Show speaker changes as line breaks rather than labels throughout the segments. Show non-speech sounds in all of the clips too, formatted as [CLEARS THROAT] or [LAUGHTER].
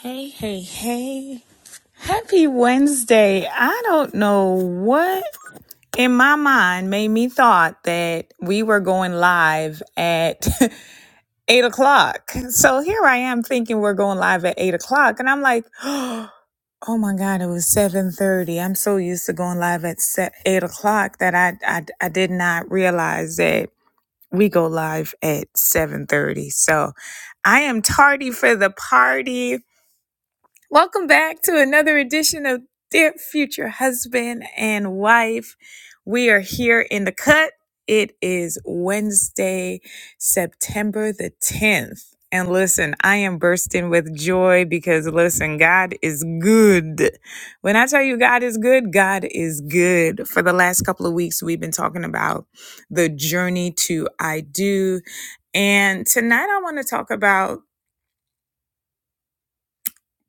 Hey, hey, hey. Happy Wednesday. I don't know what in my mind made me thought that we were going live at [LAUGHS] eight o'clock. So here I am thinking we're going live at eight o'clock. And I'm like, [GASPS] oh my God, it was 7.30. I'm so used to going live at se- eight o'clock that I, I, I did not realize that we go live at 7.30. So I am tardy for the party Welcome back to another edition of Dear Future Husband and Wife. We are here in the cut. It is Wednesday, September the 10th. And listen, I am bursting with joy because listen, God is good. When I tell you God is good, God is good. For the last couple of weeks, we've been talking about the journey to I do. And tonight I want to talk about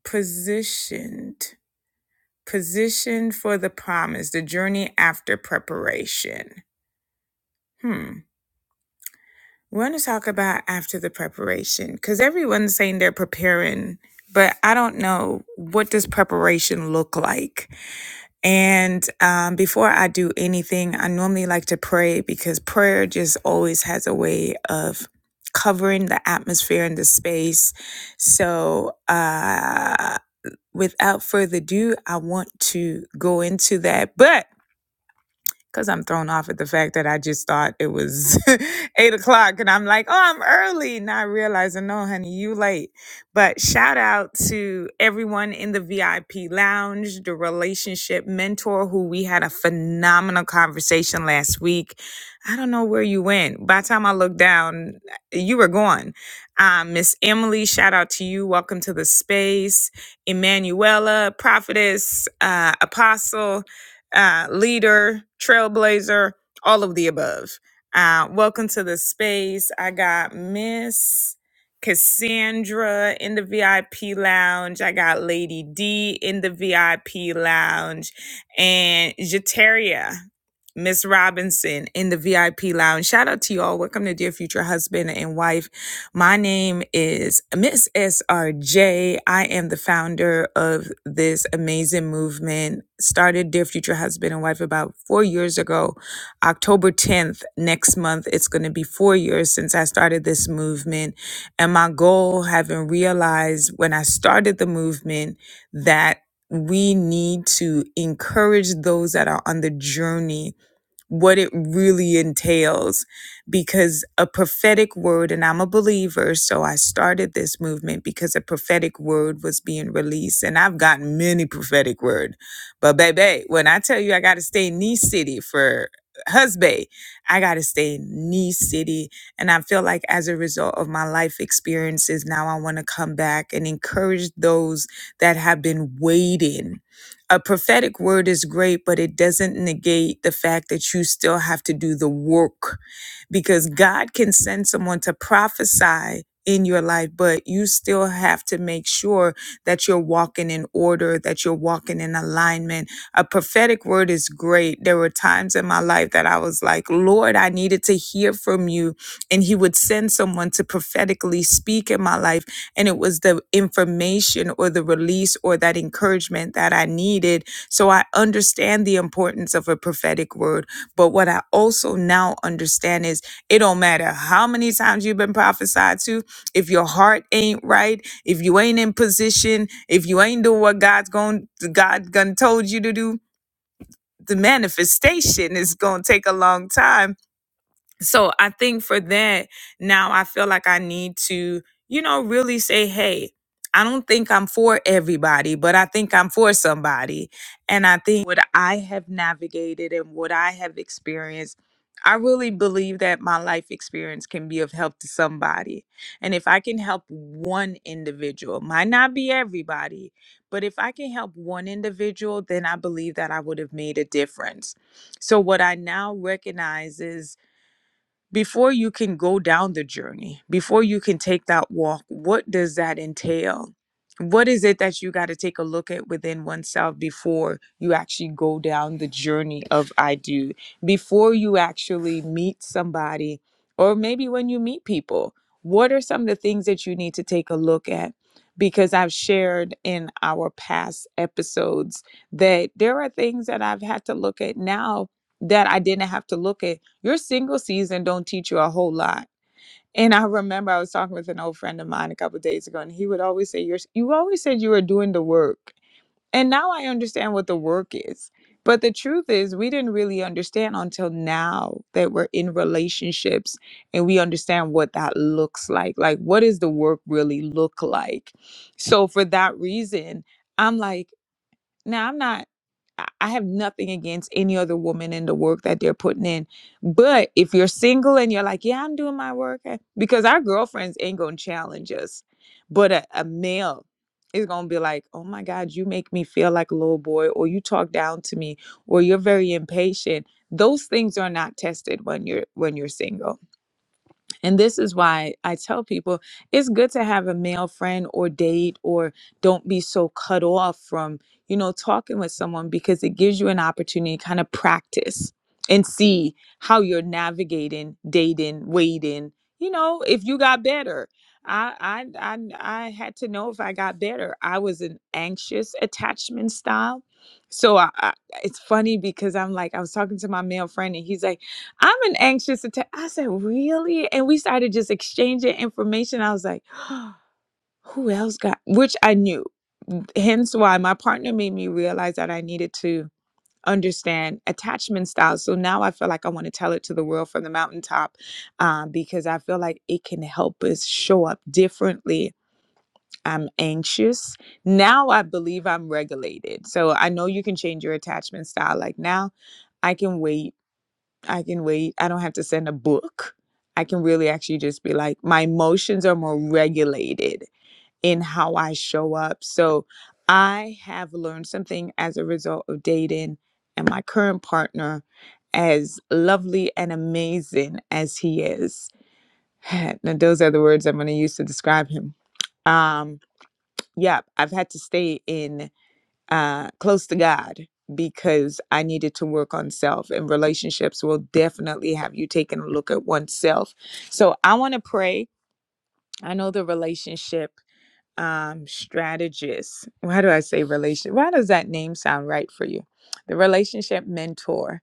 positioned. Position for the promise, the journey after preparation. Hmm. We're going to talk about after the preparation because everyone's saying they're preparing, but I don't know what does preparation look like. And um, before I do anything, I normally like to pray because prayer just always has a way of covering the atmosphere and the space. So, uh, without further ado, I want to go into that. But because I'm thrown off at the fact that I just thought it was [LAUGHS] eight o'clock and I'm like, oh, I'm early, not realizing, no, honey, you late. But shout out to everyone in the VIP lounge, the relationship mentor who we had a phenomenal conversation last week. I don't know where you went. By the time I looked down, you were gone. Um, Miss Emily, shout out to you. Welcome to the space. Emanuela, prophetess, uh, apostle uh, leader, trailblazer, all of the above. Uh, welcome to the space. I got Miss Cassandra in the VIP lounge. I got Lady D in the VIP lounge and Jeteria. Miss Robinson in the VIP lounge. Shout out to y'all. Welcome to Dear Future Husband and Wife. My name is Miss S R J. I am the founder of this amazing movement. Started Dear Future Husband and Wife about four years ago. October 10th, next month, it's going to be four years since I started this movement. And my goal, having realized when I started the movement that we need to encourage those that are on the journey what it really entails because a prophetic word, and I'm a believer, so I started this movement because a prophetic word was being released. And I've gotten many prophetic word. But baby, when I tell you I gotta stay in Knee City for husband, I gotta stay in Knee City. And I feel like as a result of my life experiences, now I wanna come back and encourage those that have been waiting a prophetic word is great, but it doesn't negate the fact that you still have to do the work because God can send someone to prophesy in your life, but you still have to make sure that you're walking in order, that you're walking in alignment. A prophetic word is great. There were times in my life that I was like, Lord, I needed to hear from you. And He would send someone to prophetically speak in my life. And it was the information or the release or that encouragement that I needed. So I understand the importance of a prophetic word. But what I also now understand is it don't matter how many times you've been prophesied to. If your heart ain't right, if you ain't in position, if you ain't doing what God's going God gonna told you to do, the manifestation is gonna take a long time so I think for that, now I feel like I need to, you know, really say, hey, I don't think I'm for everybody, but I think I'm for somebody. And I think what I have navigated and what I have experienced, I really believe that my life experience can be of help to somebody. And if I can help one individual, might not be everybody, but if I can help one individual, then I believe that I would have made a difference. So what I now recognize is before you can go down the journey, before you can take that walk, what does that entail? What is it that you got to take a look at within oneself before you actually go down the journey of I do? Before you actually meet somebody, or maybe when you meet people, what are some of the things that you need to take a look at? Because I've shared in our past episodes that there are things that I've had to look at now that I didn't have to look at your single season don't teach you a whole lot. And I remember I was talking with an old friend of mine a couple of days ago, and he would always say, "You're you always said you were doing the work." And now I understand what the work is. But the truth is, we didn't really understand until now that we're in relationships and we understand what that looks like. Like, what does the work really look like? So, for that reason, I'm like. Now, I'm not, I have nothing against any other woman in the work that they're putting in. But if you're single and you're like, yeah, I'm doing my work, eh," because our girlfriends ain't going to challenge us. But a, a male is going to be like, oh my God, you make me feel like a little boy, or you talk down to me, or you're very impatient. Those things are not tested when you're when you're single and this is why I tell people it's good to have a male friend or date, or don't be so cut off from, you know, talking with someone because it gives you an opportunity to kind of practice and see how you're navigating, dating, waiting, you know, if you got better. I, I I I had to know if I got better. I was an anxious attachment style. So I, I, it's funny because I'm like I was talking to my male friend and he's like I'm an anxious attack. I said, really? And we started just exchanging information. I was like, [GASPS] who else got, which I knew. Hence why my partner made me realize that I needed to understand attachment styles. So now I feel like I want to tell it to the world from the mountaintop um, because I feel like it can help us show up differently. I'm anxious. Now I believe I'm regulated. So I know you can change your attachment style. Like now I can wait I can wait. I don't have to send a book. I can really actually just be like, my emotions are more regulated in how I show up. So I have learned something as a result of dating and my current partner, as lovely and amazing as he is. [SIGHS] now, those are the words I'm going to use to describe him. Um, yeah, I've had to stay in uh, close to God because I needed to work on self, and relationships will definitely have you taking a look at oneself. So I want to pray. I know the relationship um, strategist. Why do I say relationship? Why does that name sound right for you? The relationship mentor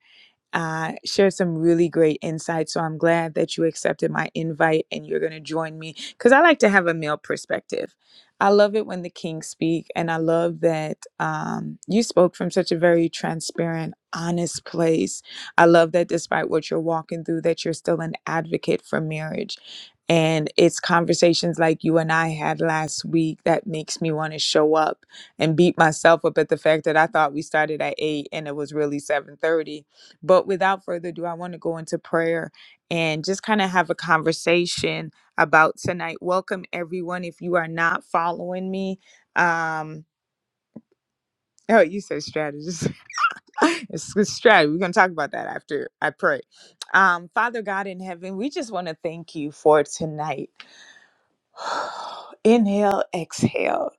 uh, shared some really great insights. So I'm glad that you accepted my invite and you're going to join me because I like to have a male perspective. I love it when the kings speak, and I love that um, you spoke from such a very transparent, honest place. I love that despite what you're walking through, that you're still an advocate for marriage. And it's conversations like you and I had last week that makes me want to show up and beat myself up at the fact that I thought we started at eight and it was really seven thirty but without further ado, I want to go into prayer and just kind of have a conversation about tonight. Welcome, everyone. If you are not following me, um, oh, you said strategist. [LAUGHS] it's good strategy. We're going to talk about that after I pray. Um, Father God in heaven, we just want to thank you for tonight. [SIGHS] Inhale, exhale.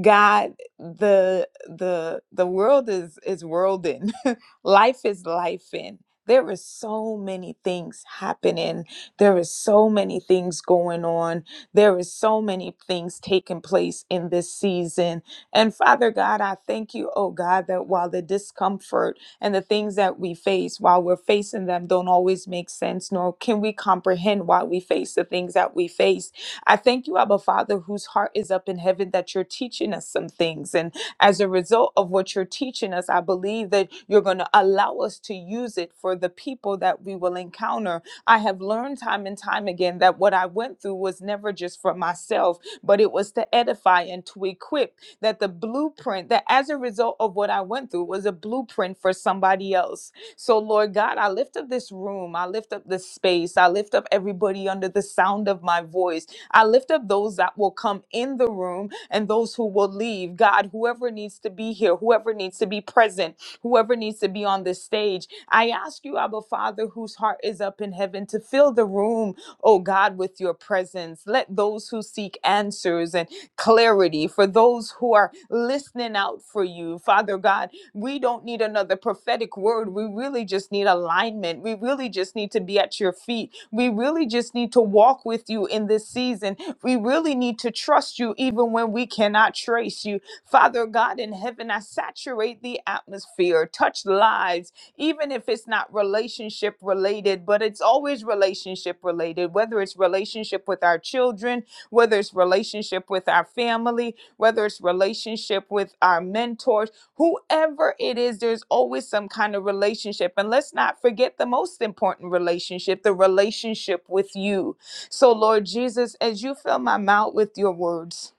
God, the the the world is is worlding. [LAUGHS] life is life in. There is so many things happening. There is so many things going on. There is so many things taking place in this season. And Father God, I thank you, oh God, that while the discomfort and the things that we face, while we're facing them, don't always make sense, nor can we comprehend why we face the things that we face I thank you, Abba Father, whose heart is up in heaven, that you're teaching us some things. And as a result of what you're teaching us, I believe that you're going to allow us to use it for the people that we will encounter. I have learned time and time again that what I went through was never just for myself, but it was to edify and to equip. That the blueprint, that as a result of what I went through, was a blueprint for somebody else. So, Lord God, I lift up this room. I lift up this space. I lift up everybody under the sound of my voice I lift up those that will come in the room and those who will leave. God, whoever needs to be here, whoever needs to be present, whoever needs to be on this stage, I ask you, Abba Father, whose heart is up in heaven, to fill the room, oh God, with your presence. Let those who seek answers and clarity, for those who are listening out for you, Father God, we don't need another prophetic word. We really just need alignment. We really just need to be at your feet. We really just need to walk with you in this season. We really need to trust you even when we cannot trace you. Father God in heaven, I saturate the atmosphere, touch lives, even if it's not relational relationship related, but it's always relationship related, whether it's relationship with our children, whether it's relationship with our family, whether it's relationship with our mentors, whoever it is, there's always some kind of relationship. And let's not forget the most important relationship, the relationship with you. So, Lord Jesus, as you fill my mouth with your words,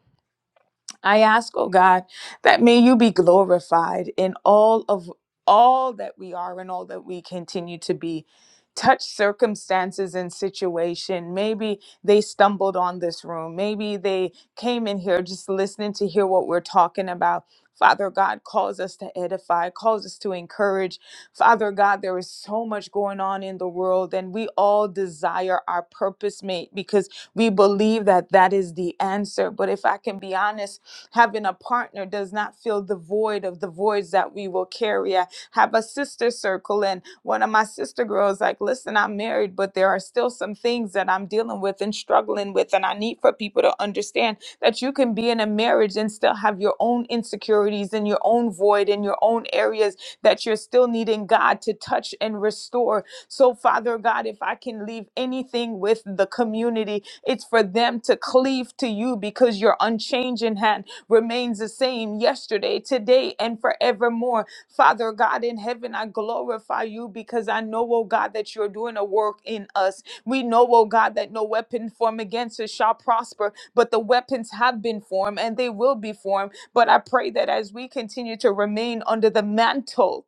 I ask, oh God, that may you be glorified in all of all that we are and all that we continue to be. Touch circumstances and situation. Maybe they stumbled on this room. Maybe they came in here just listening to hear what we're talking about. Father God calls us to edify, calls us to encourage. Father God, there is so much going on in the world, and we all desire our purpose mate because we believe that that is the answer. But if I can be honest, Having a partner does not fill the void of the voids that we will carry. I have a sister circle, and one of my sister girls, like, listen, I'm married, but there are still some things that I'm dealing with and struggling with. And I need for people to understand that you can be in a marriage and still have your own insecurities and your own void and your own areas that you're still needing God to touch and restore. So, Father God, if I can leave anything with the community, it's for them to cleave to you because you're unchanging hand remains the same yesterday, today, and forevermore. Father God in heaven, I glorify you because I know, oh God, that you're doing a work in us. We know, oh God, that no weapon formed against us shall prosper, but the weapons have been formed and they will be formed. But I pray that as we continue to remain under the mantle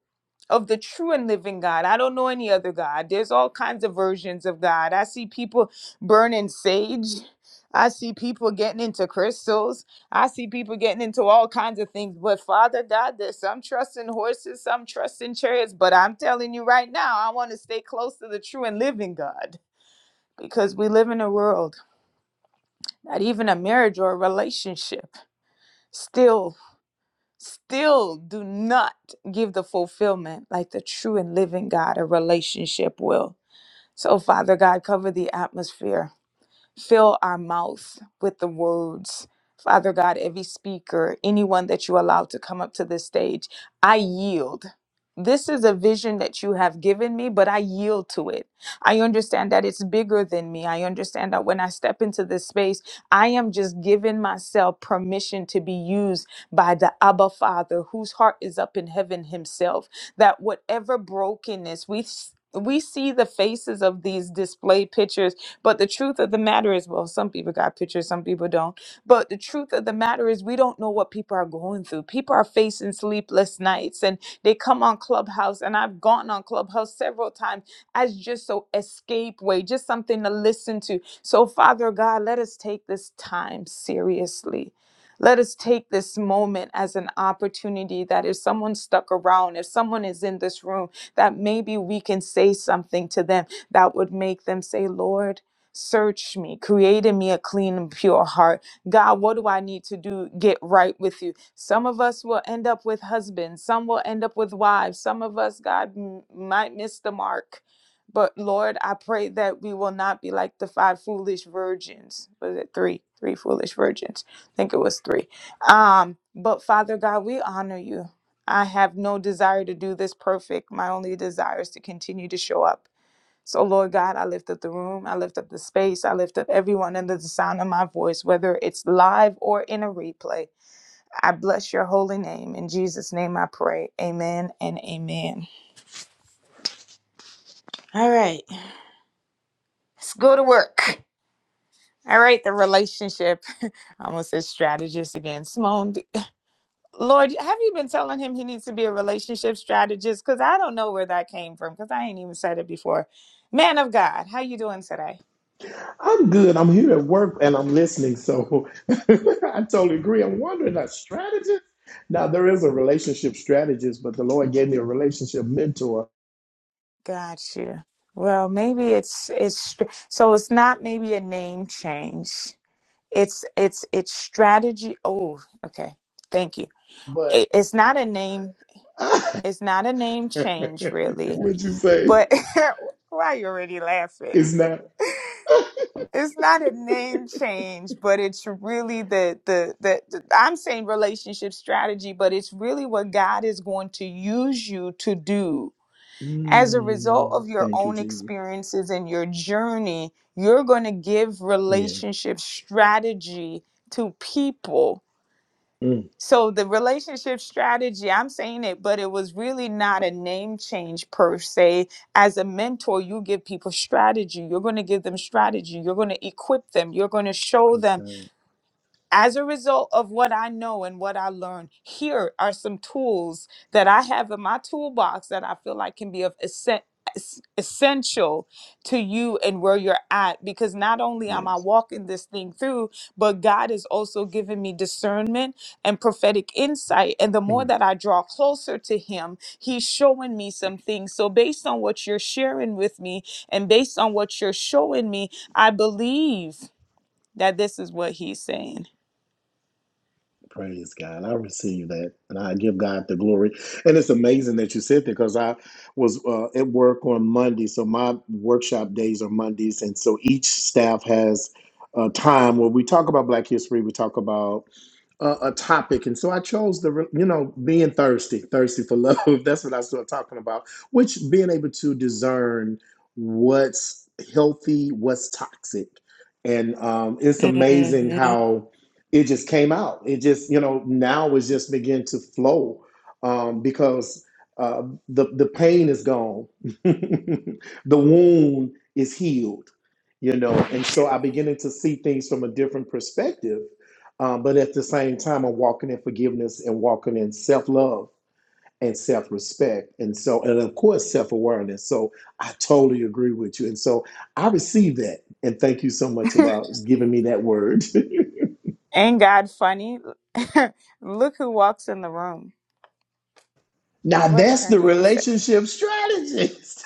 of the true and living God. I don't know any other God. There's all kinds of versions of God. I see people burning sage. I see people getting into crystals. I see people getting into all kinds of things, but Father God, there's some trust in horses, some trust in chariots, but I'm telling you right now, I want to stay close to the true and living God because we live in a world that even a marriage or a relationship still still do not give the fulfillment like the true and living God a relationship will. So Father God, cover the atmosphere Fill our mouth with the words. Father God, every speaker, anyone that you allow to come up to this stage, I yield. This is a vision that you have given me, but I yield to it. I understand that it's bigger than me. I understand that when I step into this space, I am just giving myself permission to be used by the Abba Father, whose heart is up in heaven himself. That whatever brokenness we s- we see the faces of these display pictures but the truth of the matter is, well, some people got pictures, some people don't. But the truth of the matter is, we don't know what people are going through. People are facing sleepless nights and they come on Clubhouse. And I've gone on Clubhouse several times as just so escape way, just something to listen to. So, Father God, let us take this time seriously. Let us take this moment as an opportunity that if someone's stuck around, if someone is in this room, that maybe we can say something to them that would make them say, Lord, Search me, create in me a clean and pure heart. God, what do I need to do? Get right with you. Some of us will end up with husbands, some will end up with wives, some of us, God, m- might miss the mark. But Lord, I pray that we will not be like the five foolish virgins. Was it three? Three foolish virgins. I think it was three. Um, but Father God, we honor you. I have no desire to do this perfect. My only desire is to continue to show up so, Lord God, I lift up the room, I lift up the space, I lift up everyone under the sound of my voice, whether it's live or in a replay. I bless your holy name. In Jesus' name I pray. Amen and amen. All right, let's go to work. All right, the relationship. [LAUGHS] I almost said strategist again. Simone, d- [LAUGHS] Lord, have you been telling him he needs to be a relationship strategist? Because I don't know where that came from, because I ain't even said it before. Man of God, how you doing today?
I'm good. I'm here at work and I'm listening. So [LAUGHS] I totally agree. I'm wondering a strategist. Now there is a relationship strategist, but the Lord gave me a relationship mentor.
Got you. Well, maybe it's it's str- so it's not maybe a name change. It's it's it's strategy. Oh, okay. Thank you.
But
It, it's not a name.
[LAUGHS]
It's not a name change really.
what'd you say?
But [LAUGHS] why are you already laughing?
It's not.
It's not a name change, but it's really the, the the the I'm saying relationship strategy, but it's really what God is going to use you to do as a result
Mm,
of your
thank you,
own
Jesus.
experiences and your journey, you're going to give
Yeah.
relationship strategy to people.
Mm,
So, the relationship strategy, I'm saying it, but it was really not a name change per se. As a mentor, you give people strategy. You're going to give them strategy. You're going to equip them. You're going to show
praise
them
God.
as a result of what I know and what I learned, here are some tools that I have in my toolbox that I feel like can be of essen- es- essential to you and where you're at because not only am I
Yes.
walking this thing through, but God is also giving me discernment and prophetic insight. And the
Mm.
more that I draw closer to Him, He's showing me some things. So, based on what you're sharing with me and based on what you're showing me, I believe that this is what He's saying.
Praise God. I receive that. And I give God the glory. And it's amazing that you said that because I was uh, at work on Monday. So my workshop days are Mondays. And so each staff has a time where we talk about Black history. We talk about a, a topic, and so I chose the you know being thirsty, thirsty for love. [LAUGHS] That's what I started talking about, which being able to discern what's healthy, what's toxic, and um, it's amazing
hmm
how it just came out. It just you know now it's just begin to flow um, because uh, the the pain is gone, [LAUGHS] the wound is healed, you know, and so I beginning to see things from a different perspective um, but at the same time, I'm walking in forgiveness and walking in self love and self respect. And so, and of course, self awareness. So I totally agree with you. And so I received that. And thank you so much
[LAUGHS]
about giving me that word.
Ain't God funny? [LAUGHS] Look who walks in the room.
[LAUGHS] now,
What is
that's
her
the
name? Sa-
relationship strategist.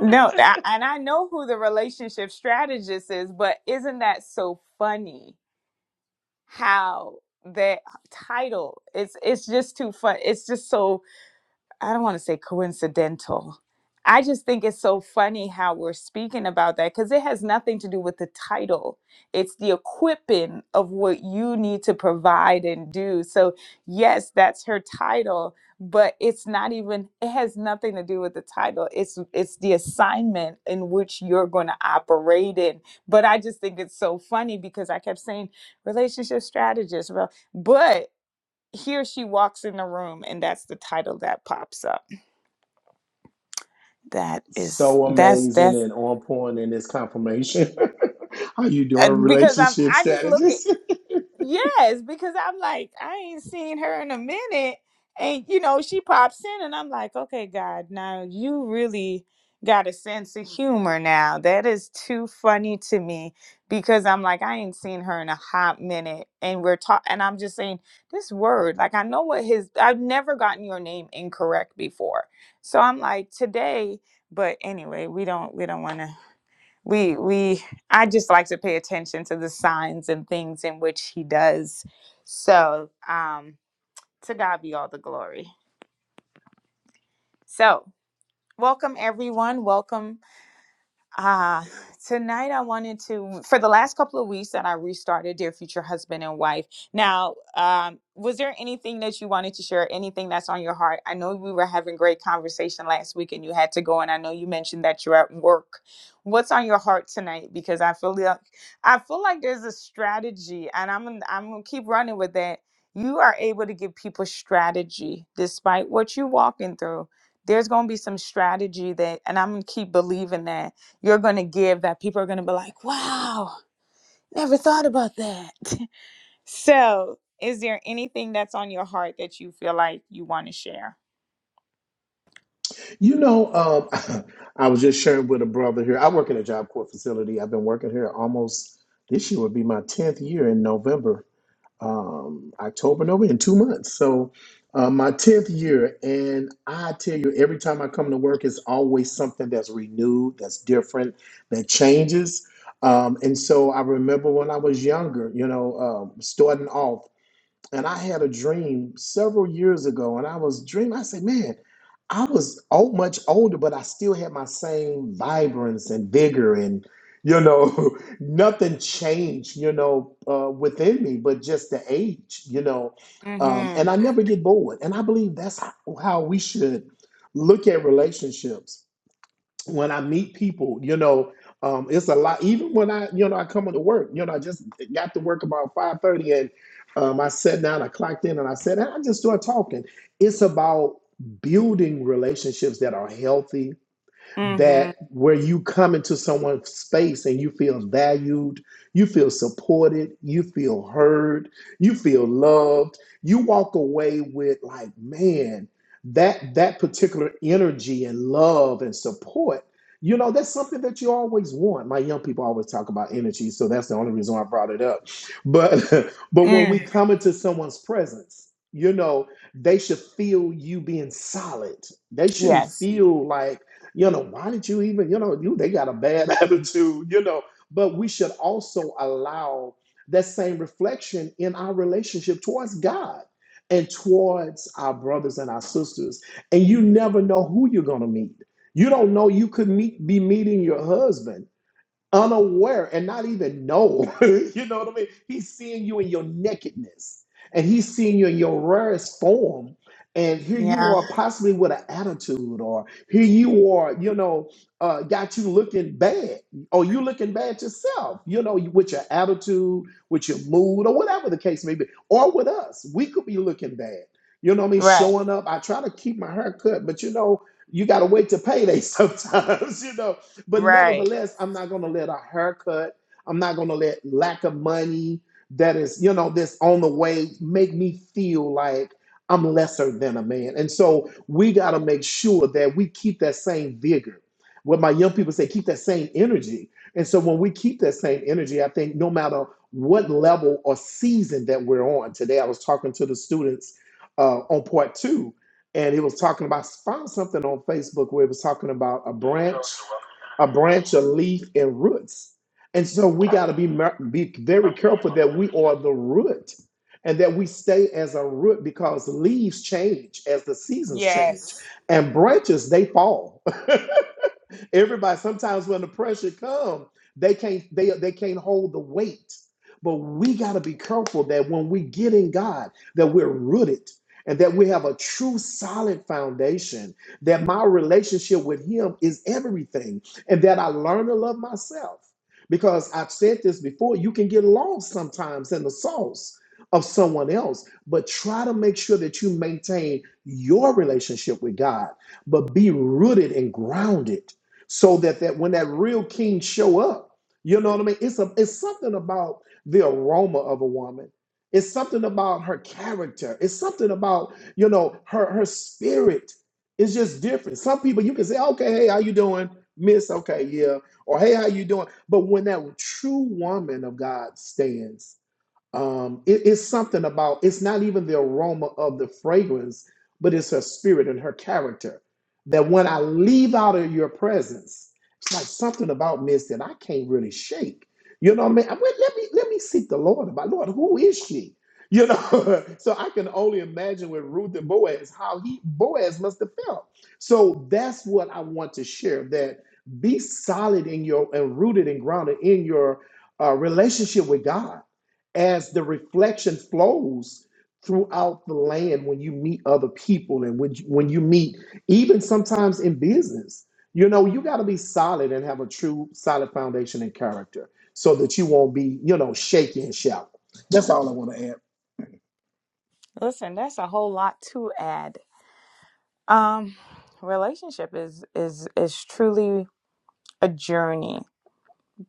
No, I, and I know who the relationship strategist is, but isn't that so funny? How that title? It's it's just too fun. It's just so. I don't want to say coincidental. I just think it's so funny how we're speaking about that because it has nothing to do with the title. It's the equipping of what you need to provide and do. So, yes, that's her title, but it's not even, it has nothing to do with the title. It's it's the assignment in which you're going to operate in. But I just think it's so funny because I kept saying relationship strategist, Well, but here she walks in the room and that's the title that pops up that
[LAUGHS]
is
so
that's
amazing
that's
and on point in this confirmation. [LAUGHS] How you doing,
uh, because I'm
relationship
I just look at
strategist?
yes because I'm like I ain't seen her in a minute and you know she pops in and I'm like okay God now you really got a sense of humor now that is too funny to me because I'm like I ain't seen her in a hot minute and we're talking and I'm just saying this word like I know what his I've never gotten your name incorrect before so I'm like today but anyway we don't we don't want to we we i just like to pay attention to the signs and things in which he does so um to god be all the glory so welcome everyone welcome Ah, tonight I wanted to for the last couple of weeks that I restarted Dear Future Husband and Wife. Now, um, was there anything that you wanted to share? Anything that's on your heart? I know we were having great conversation last week, and you had to go, and I know you mentioned that you're at work. What's on your heart tonight? Because I feel like I feel like there's a strategy, and I'm gonna- I'm gonna keep running with that. You are able to give people strategy despite what you're walking through. There's gonna be some strategy that, and I'm gonna keep believing that you're going to give that people are going to be like, wow, never thought about that. [LAUGHS] so, is there anything that's on your heart that you feel like you want to share?
You know, um, [LAUGHS] I was just sharing with a brother here. I work in a job corps facility. I've been working here almost this year would be my 10th year in November, um, October, November, in two months. So, uh, my 10th year. And I tell you, every time I come to work, it's always something that's renewed, that's different, that changes. Um, and so I remember when I was younger, you know, um, starting off and I had a dream several years ago, and I was dreaming. I said, "Man, I was old, much older, but I still had my same vibrance and vigor, and you know, [LAUGHS] nothing changed, you know, uh, within me, but just the age, you know." Um, and
Mm
I never get bored, and I believe that's how how we should look at relationships when I meet people, you know, um, it's a lot. Even when I, you know, I come into work, you know, I just got to work about five thirty, and um, I sat down, I clocked in, and I said, and I just started talking. It's about building relationships that are healthy
hmm. Mm
that where you come into someone's space and you feel valued, you feel supported, you feel heard, you feel loved, you walk away with like, man, that that particular energy and love and support, you know, that's something that you always want. My young people always talk about energy, so that's the only reason I brought it up. But [LAUGHS] but
hmm.
when we
Mm.
come into someone's presence, you know, they should feel you being solid. They shouldn't
Yes.
feel like you know, why did you even, you know, you they got a bad [LAUGHS] attitude, you know. But we should also allow that same reflection in our relationship towards God and towards our brothers and our sisters. And you never know who you're gonna meet. You don't know you could meet be meeting your husband unaware and not even know. [LAUGHS] you know what I mean? He's seeing you in your nakedness and he's seeing you in your rarest form. And here you
Yeah.
are, possibly with an attitude, or here you are, you know, uh, got you looking bad, or you looking bad yourself, you know, with your attitude, with your mood, or whatever the case may be, or with us, we could be looking bad. You know what I mean?
Right.
Showing up, I try to keep my hair cut, but you know, you got to wait to payday [LAUGHS] sometimes, you know but
Right.
nevertheless, I'm not going to let a haircut, I'm not going to let lack of money that is, you know, this on the way make me feel like I'm lesser than a man. And so we got to make sure that we keep that same vigor. What my young people say, keep that same energy. And so when we keep that same energy, I think no matter what level or season that we're on, today I was talking to the students uh, on part two, and it was talking about, I found something on Facebook where it was talking about a branch a branch, a leaf, and roots. And so we got to be mer- be very careful that we are the root, and that we stay as a root because leaves change as the seasons change,
Yes.
and branches they fall. [LAUGHS] Everybody sometimes when the pressure comes, they can't they they can't hold the weight. But we got to be careful that when we get in God, that we're rooted and that we have a true solid foundation, that my relationship with him is everything and that I learn to love myself. Because I've said this before, you can get lost sometimes in the sauce of someone else, but try to make sure that you maintain your relationship with God, but be rooted and grounded so that that when that real king show up, you know what I mean. It's a it's something about the aroma of a woman. It's something about her character. It's something about you know her her spirit. It's just different. Some people you can say, okay, hey, how you doing, Miss? Okay, yeah, or hey, how you doing? But when that true woman of God stands um it- it's something about it's not even the aroma of the fragrance but it's her spirit and her character that when i leave out of your presence it's like something about miss that i can't really shake you know what i mean I went, let me let me seek the lord about lord who is she you know [LAUGHS] so i can only imagine with ruth and boaz how he boaz must have felt so that's what i want to share that be solid in your and rooted and grounded in your uh, relationship with god as the reflection flows throughout the land when you meet other people and when you, when you meet even sometimes in business you know you got to be solid and have a true solid foundation and character so that you won't be you know shaky and shallow that's all i want to add
Listen, that's a whole lot to add. Um, relationship is is is truly a journey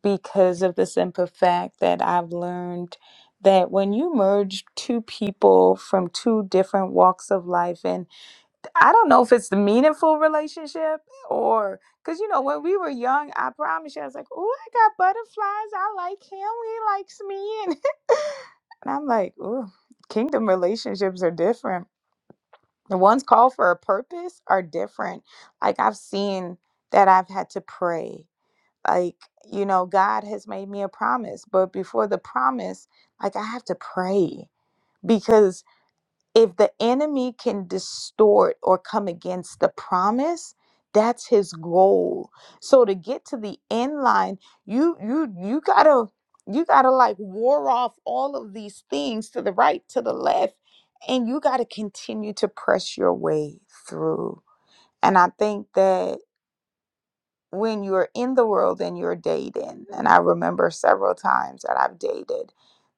because of the simple fact that I've learned that when you merge two people from two different walks of life, and I don't know if it's the meaningful relationship or because you know when we were young, I promise you, I was like, "Oh, I got butterflies. I like him. He likes me," [LAUGHS] and, and I'm like, "Oh, kingdom relationships are different." The ones called for a purpose are different. Like I've seen that I've had to pray. Like, you know, God has made me a promise, but before the promise, like I have to pray because if the enemy can distort or come against the promise that's his goal so to get to the end line you you you gotta you gotta like war off all of these things to the right to the left and you gotta continue to press your way through and i think that when you're in the world and you're dating, and I remember several times that I've dated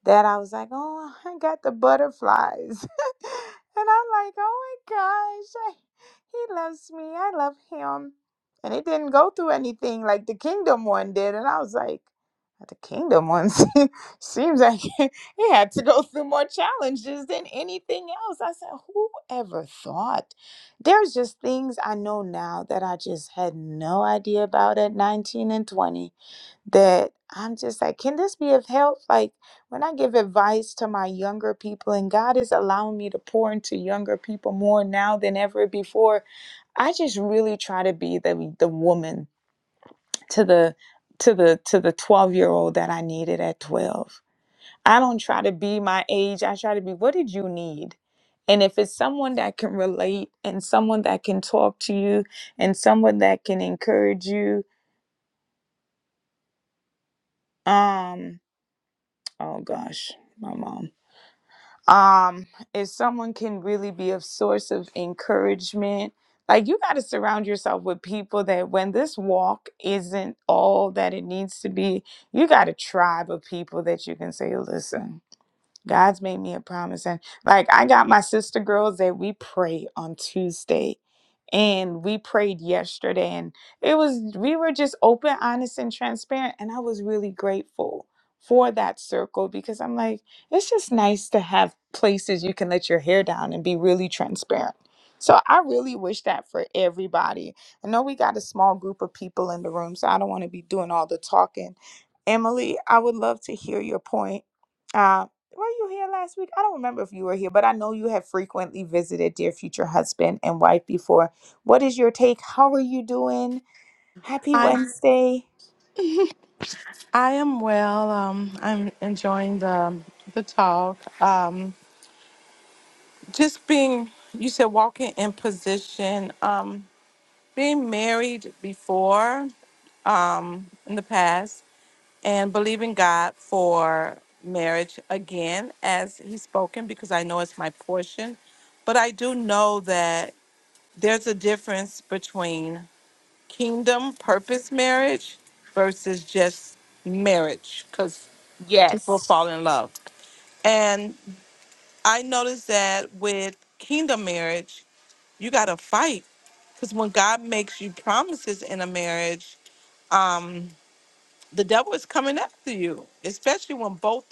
that I was like, oh, I got the butterflies. [LAUGHS] and I'm like, oh my gosh, I, he loves me. I love him. And it didn't go through anything like the kingdom one did. And I was like, the kingdom one [LAUGHS] se- seems like [LAUGHS] it had to go through more challenges than anything else. I said, whoever thought? There's just things I know now that I just had no idea about at 19 and 20 that I'm just like, can this be of help? Like when I give advice to my younger people, and God is allowing me to pour into younger people more now than ever before, I just really try to be the the woman to the to the to the 12 year old that I needed at 12 I don't try to be my age. I try to be, what did you need? And if it's someone that can relate and someone that can talk to you and someone that can encourage you, um, oh gosh, my mom. Um, if someone can really be a source of encouragement, like you got to surround yourself with people that when this walk isn't all that it needs to be, you got a tribe of people that you can say, listen, God's made me a promise. And like I got my sister girls that we pray on Tuesday and we prayed yesterday and it was we were just open honest and transparent and i was really grateful for that circle because i'm like it's just nice to have places you can let your hair down and be really transparent so i really wish that for everybody i know we got a small group of people in the room so i don't want to be doing all the talking emily i would love to hear your point uh, were you here last week? I don't remember if you were here, but I know you have frequently visited dear future husband and wife before what is your take? How are you doing? Happy
I
Wednesday.
I am well. Um, I'm enjoying the the talk. Um, just being you said walking in position. Um, being married before, um, in the past, and believing God for marriage again, as He's spoken, because I know it's my portion. But I do know that there's a difference between kingdom purpose marriage versus just marriage, because
Yes.
people fall in love. And I noticed that with kingdom marriage, you got to fight because when God makes you promises in a marriage, um, the devil is coming after you, especially when both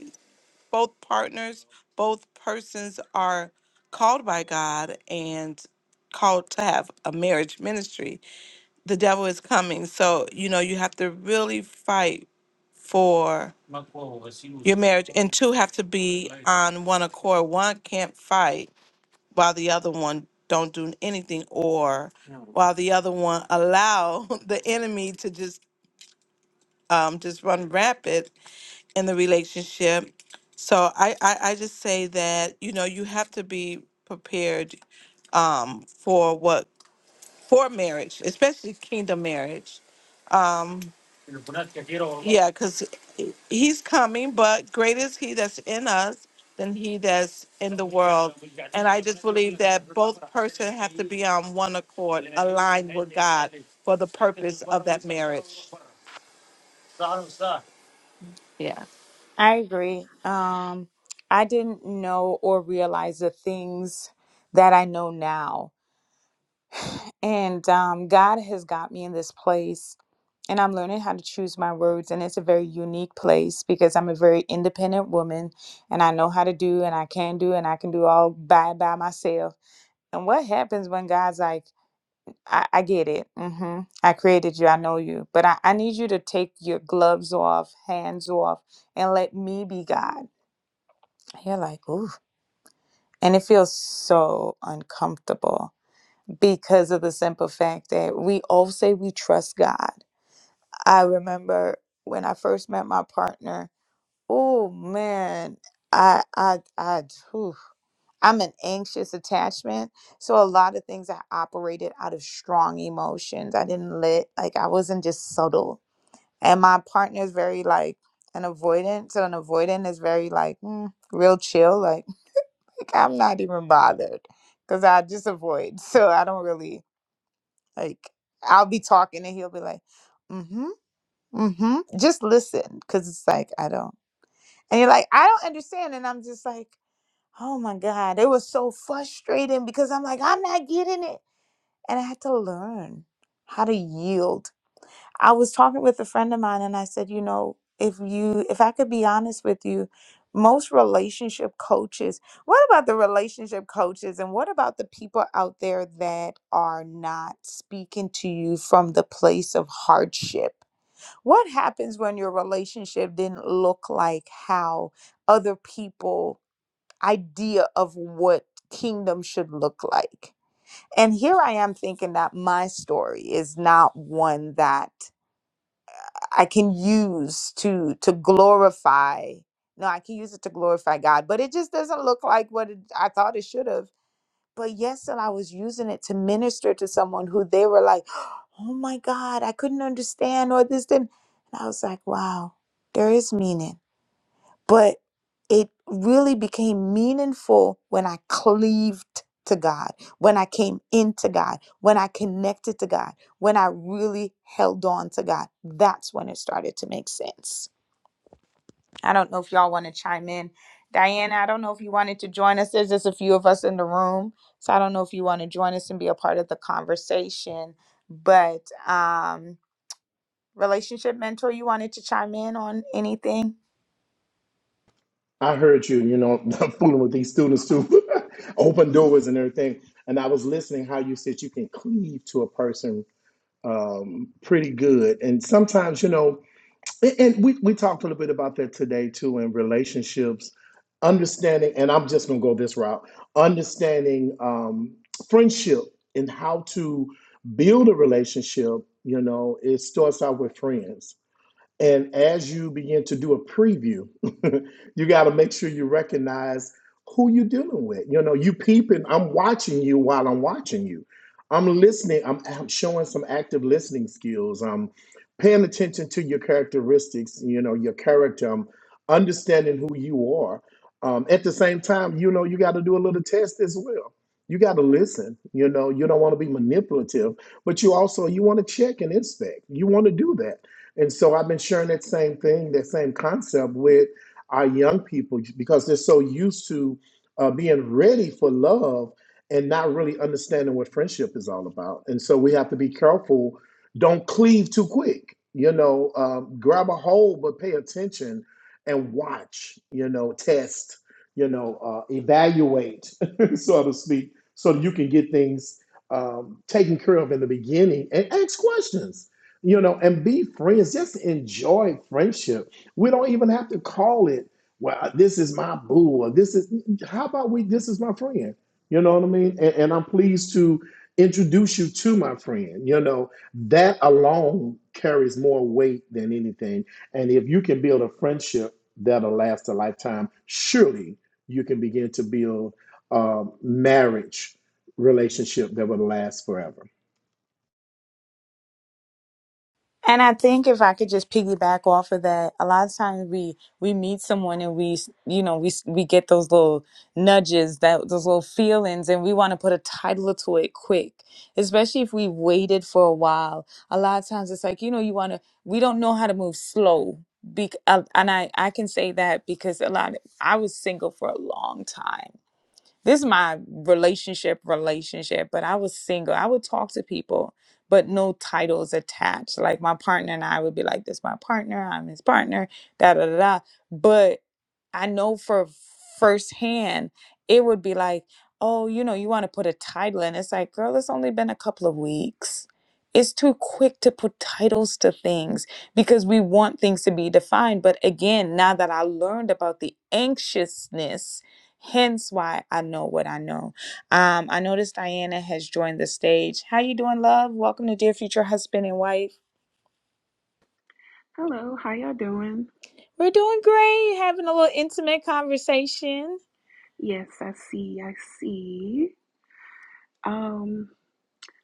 both partners, both persons are called by God and called to have a marriage ministry. The devil is coming, so you know you have to really fight for your marriage, and two have to be on one accord. One can't fight while the other one don't do anything, or while the other one allow [LAUGHS] the enemy to just um, just run rapid in the relationship. So I, I I just say that you know you have to be prepared um, for what for marriage, especially kingdom marriage Yeah, because he's coming, but greater is he that's in us than he that's in the world. And I just believe that both person have to be on one accord, aligned with God for the purpose of that marriage. Yeah.
I agree. Um, I didn't know or realize the things that I know now. And um, God has got me in this place, and I'm learning how to choose my words. And it's a very unique place because I'm a very independent woman, and I know how to do, and I can do, and I can do all by by myself. And what happens when God's like? I, I get it. hmm I created you. I know you. But I, I need you to take your gloves off, hands off, and let me be God. You're like, ooh. And it feels so uncomfortable because of the simple fact that we all say we trust God. I remember when I first met my partner, oh man, I I I I'm an anxious attachment. So a lot of things I operated out of strong emotions. I didn't let like I wasn't just subtle. And my partner is very like an avoidant. So an avoidant is very like mm, real chill. Like, [LAUGHS] like I'm not even bothered because I just avoid. [LAUGHS] So I don't really like. I'll be talking and he'll be like, mm-hmm, mm-hmm. Just listen, because it's like I don't. And you're like, I don't understand. And I'm just like. Oh my God. It was so frustrating because I'm like, I'm not getting it. And I had to learn how to yield. I was talking with a friend of mine and I said, you know, if you, if I could be honest with you, most relationship coaches, what about the relationship coaches and what about the people out there that are not speaking to you from the place of hardship? What happens when your relationship didn't look like how other people? idea of what kingdom should look like. And here I am thinking that my story is not one that I can use to to glorify. No, I can use it to glorify God, but it just doesn't look like what it, I thought it should have. But yes, and I was using it to minister to someone who they were like, [GASPS] "Oh my God, I couldn't understand," or this, then. And I was like, "Wow, there is meaning." but it really became meaningful when I cleaved to God, when I came into God, when I connected to God, when I really held on to God. That's when it started to make sense. I don't know if y'all want to chime in. Diana, I don't know if you wanted to join us. There's just a few of us in the room. So I don't know if you want to join us and be a part of the conversation. But um relationship mentor, you wanted to chime in on anything?
I heard you, you know, [LAUGHS] fooling with these students too, [LAUGHS] open doors and everything. And I was listening how you said you can cleave to a person um, pretty good. And sometimes, you know, and and we, we talked a little bit about that today too in relationships, understanding, and I'm just going to go this route understanding um, friendship and how to build a relationship, you know, it starts out with friends and as you begin to do a preview, [LAUGHS] you got to make sure you recognize who you're dealing with. You know, you peeping, I'm watching you while I'm watching you. I'm listening, I'm, I'm showing some active listening skills. I'm paying attention to your characteristics, you know, your character, I'm understanding who you are. Um, at the same time, you know, you got to do a little test as well. You got to listen. You know, you don't want to be manipulative, but you also you want to check and inspect. You want to do that and so I've been sharing that same thing, that same concept with our young people because they're so used to uh, being ready for love and not really understanding what friendship is all about. And so we have to be careful. Don't cleave too quick. You know, um, grab a hold, but pay attention and watch, you know, test, you know, uh, evaluate, [LAUGHS] so to speak, so you can get things um, taken care of in the beginning and ask questions you know, and be friends. Just enjoy friendship. We don't even have to call it, well, this is my boo, or this is, how about we, this is my friend? You know what I mean? And, and I'm pleased to introduce you to my friend. You know, that alone carries more weight than anything. And if you can build a friendship that'll last a lifetime, surely you can begin to build a marriage relationship that will last forever.
And I think if I could just piggyback off of that, a lot of times we we meet someone and we s- you know we s- we get those little nudges, that those little feelings, and we want to put a title to it quick. Especially if we waited for a while, a lot of times it's like you know you want to. We don't know how to move slow. Bec- uh, and I I can say that because a lot I was single for a long time this is my relationship relationship but i was single i would talk to people but no titles attached like my partner and i would be like this my partner i'm his partner da da da da but i know for firsthand it would be like oh you know you want to put a title in it's like girl it's only been a couple of weeks it's too quick to put titles to things because we want things to be defined but again now that i learned about the anxiousness Hence why I know what I know. Um, I noticed Diana has joined the stage. How you doing, love? Welcome to Dear Future Husband and Wife.
Hello, how y'all doing?
We're doing great, having a little intimate conversation.
Yes, I see, I see. Um,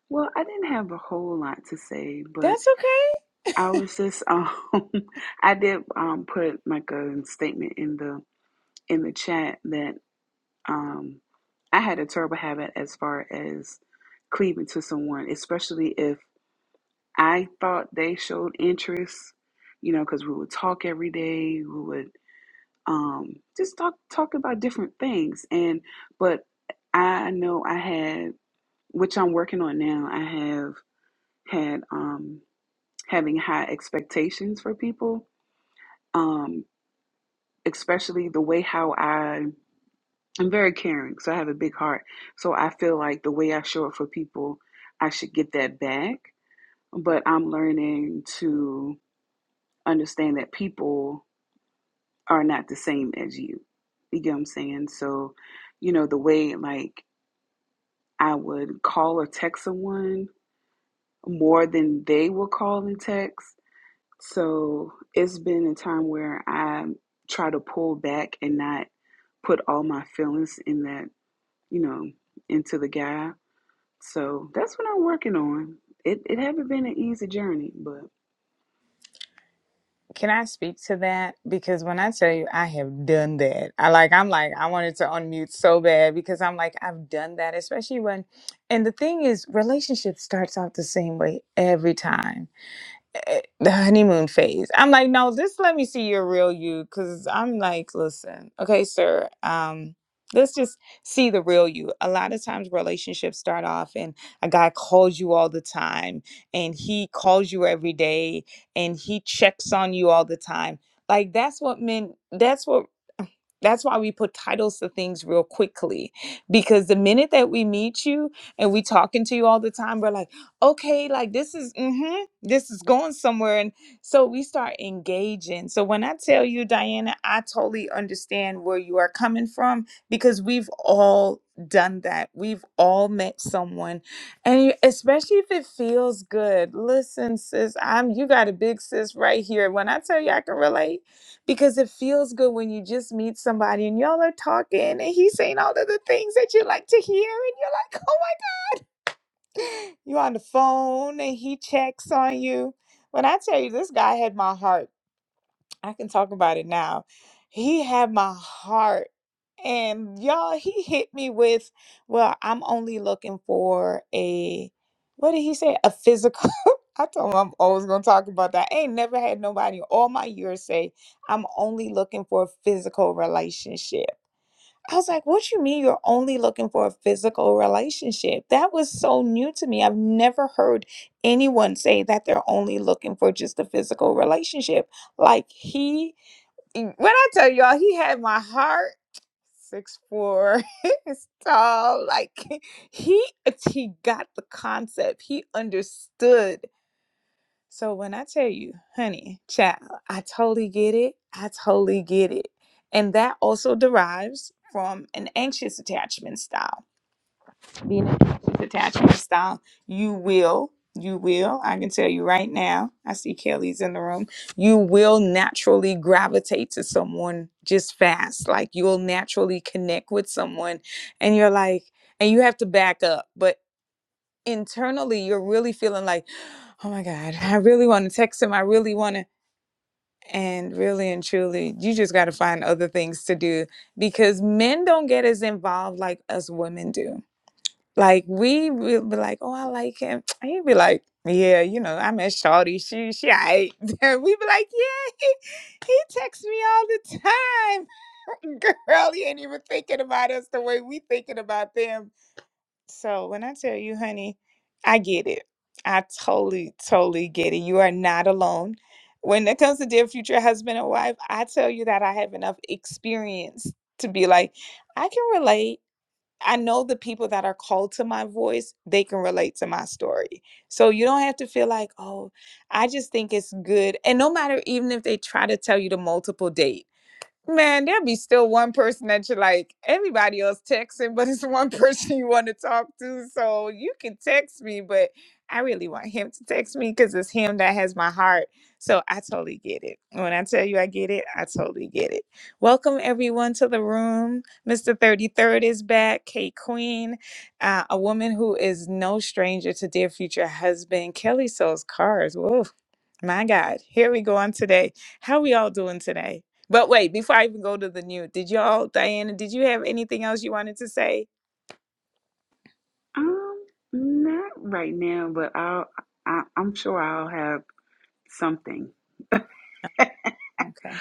well, I didn't have a whole lot to say, but
That's okay.
I was just um [LAUGHS] I did um put like a statement in the in the chat that um I had a terrible habit as far as cleaving to someone, especially if I thought they showed interest, you know, because we would talk every day, we would um, just talk talk about different things. And but I know I had, which I'm working on now. I have had um, having high expectations for people, um, especially the way how I I'm very caring, so I have a big heart. So I feel like the way I show up for people, I should get that back. But I'm learning to understand that people are not the same as you. You get what I'm saying? So, you know, the way like I would call or text someone more than they will call and text. So it's been a time where I try to pull back and not put all my feelings in that, you know, into the guy. So that's what I'm working on. It it haven't been an easy journey, but
Can I speak to that? Because when I tell you I have done that, I like I'm like I wanted to unmute so bad because I'm like I've done that, especially when and the thing is relationship starts out the same way every time eh, the honeymoon phase. I'm like, no, just let me see your real you, because I'm like, listen, okay, sir, um, let's just see the real you. A lot of times relationships start off, and a guy calls you all the time, and he calls you every day, and he checks on you all the time. Like that's what men. That's what. That's why we put titles to things real quickly, because the minute that we meet you and we talking to you all the time, we're like, okay, like this is. mhm this is going somewhere and so we start engaging so when i tell you diana i totally understand where you are coming from because we've all done that we've all met someone and you, especially if it feels good listen sis i'm you got a big sis right here when i tell you i can relate because it feels good when you just meet somebody and y'all are talking and he's saying all of the things that you like to hear and you're like [LAUGHS] oh you on the phone and he checks on you. When I tell you this guy had my heart, I can talk about it now. He had my heart. And y'all, he hit me with, well, I'm only looking for a what did he say? A physical. [LAUGHS] I told him I'm always gonna talk about that. I ain't never had nobody all my years say, I'm only looking for a physical relationship. I was like, what you mean you're only looking for a physical relationship? That was so new to me. I've never heard anyone say that they're only looking for just a physical relationship. Like he when I tell y'all he had my heart six four [LAUGHS] he's tall like [LAUGHS] he he got the concept he understood so when I tell you, honey, child, I totally get it. I totally get it. And that also derives from an anxious attachment style. Being an anxious attachment style, you will, you will, I can tell you right now, I see Kelly's in the room, you will naturally gravitate to someone just fast. Like you'll naturally connect with someone and you're like, and you have to back up. but internally you're really feeling like, oh my God, I really want to text him. I really want to. And really and truly, you just got to find other things to do because men don't get as involved like us women do. Like we will be like, oh, I like him. [TSK] He'd be like, yeah, you know, I met Shawty. She, she, I. [LAUGHS] we would be like, yeah, [LAUGHS] he, he texts me all the time. [LAUGHS] Girl, he ain't even thinking about us the way we thinking about them so when I tell you, honey, I get it. I totally, totally get it. You are not alone. When it comes to dear future husband and wife, I tell you that I have enough experience to be like, I can relate. I know the people that are called to my voice, they can relate to my story. So you don't have to feel like, oh, I just think it's good. And no matter even if they try to tell you to multiple date Man, there be still one person that you like. Everybody else texting, but it's one [LAUGHS] person you want to talk to. So you can text me, but I really want him to text me because it's him that has my heart. So I totally get it. When I tell you I get it, I totally get it. Welcome everyone to the room. Mr. 33rd is back. Kate Queen, uh, a woman who is no stranger to dear future husband. Kelly sells cars. Whoa. My God, here we go on today. How we all doing today? But wait, before I even go to the new, did y'all, Diana, did you have anything else you wanted to say?
um not right now, but I'll I, I'm sure I'll have something.
Okay.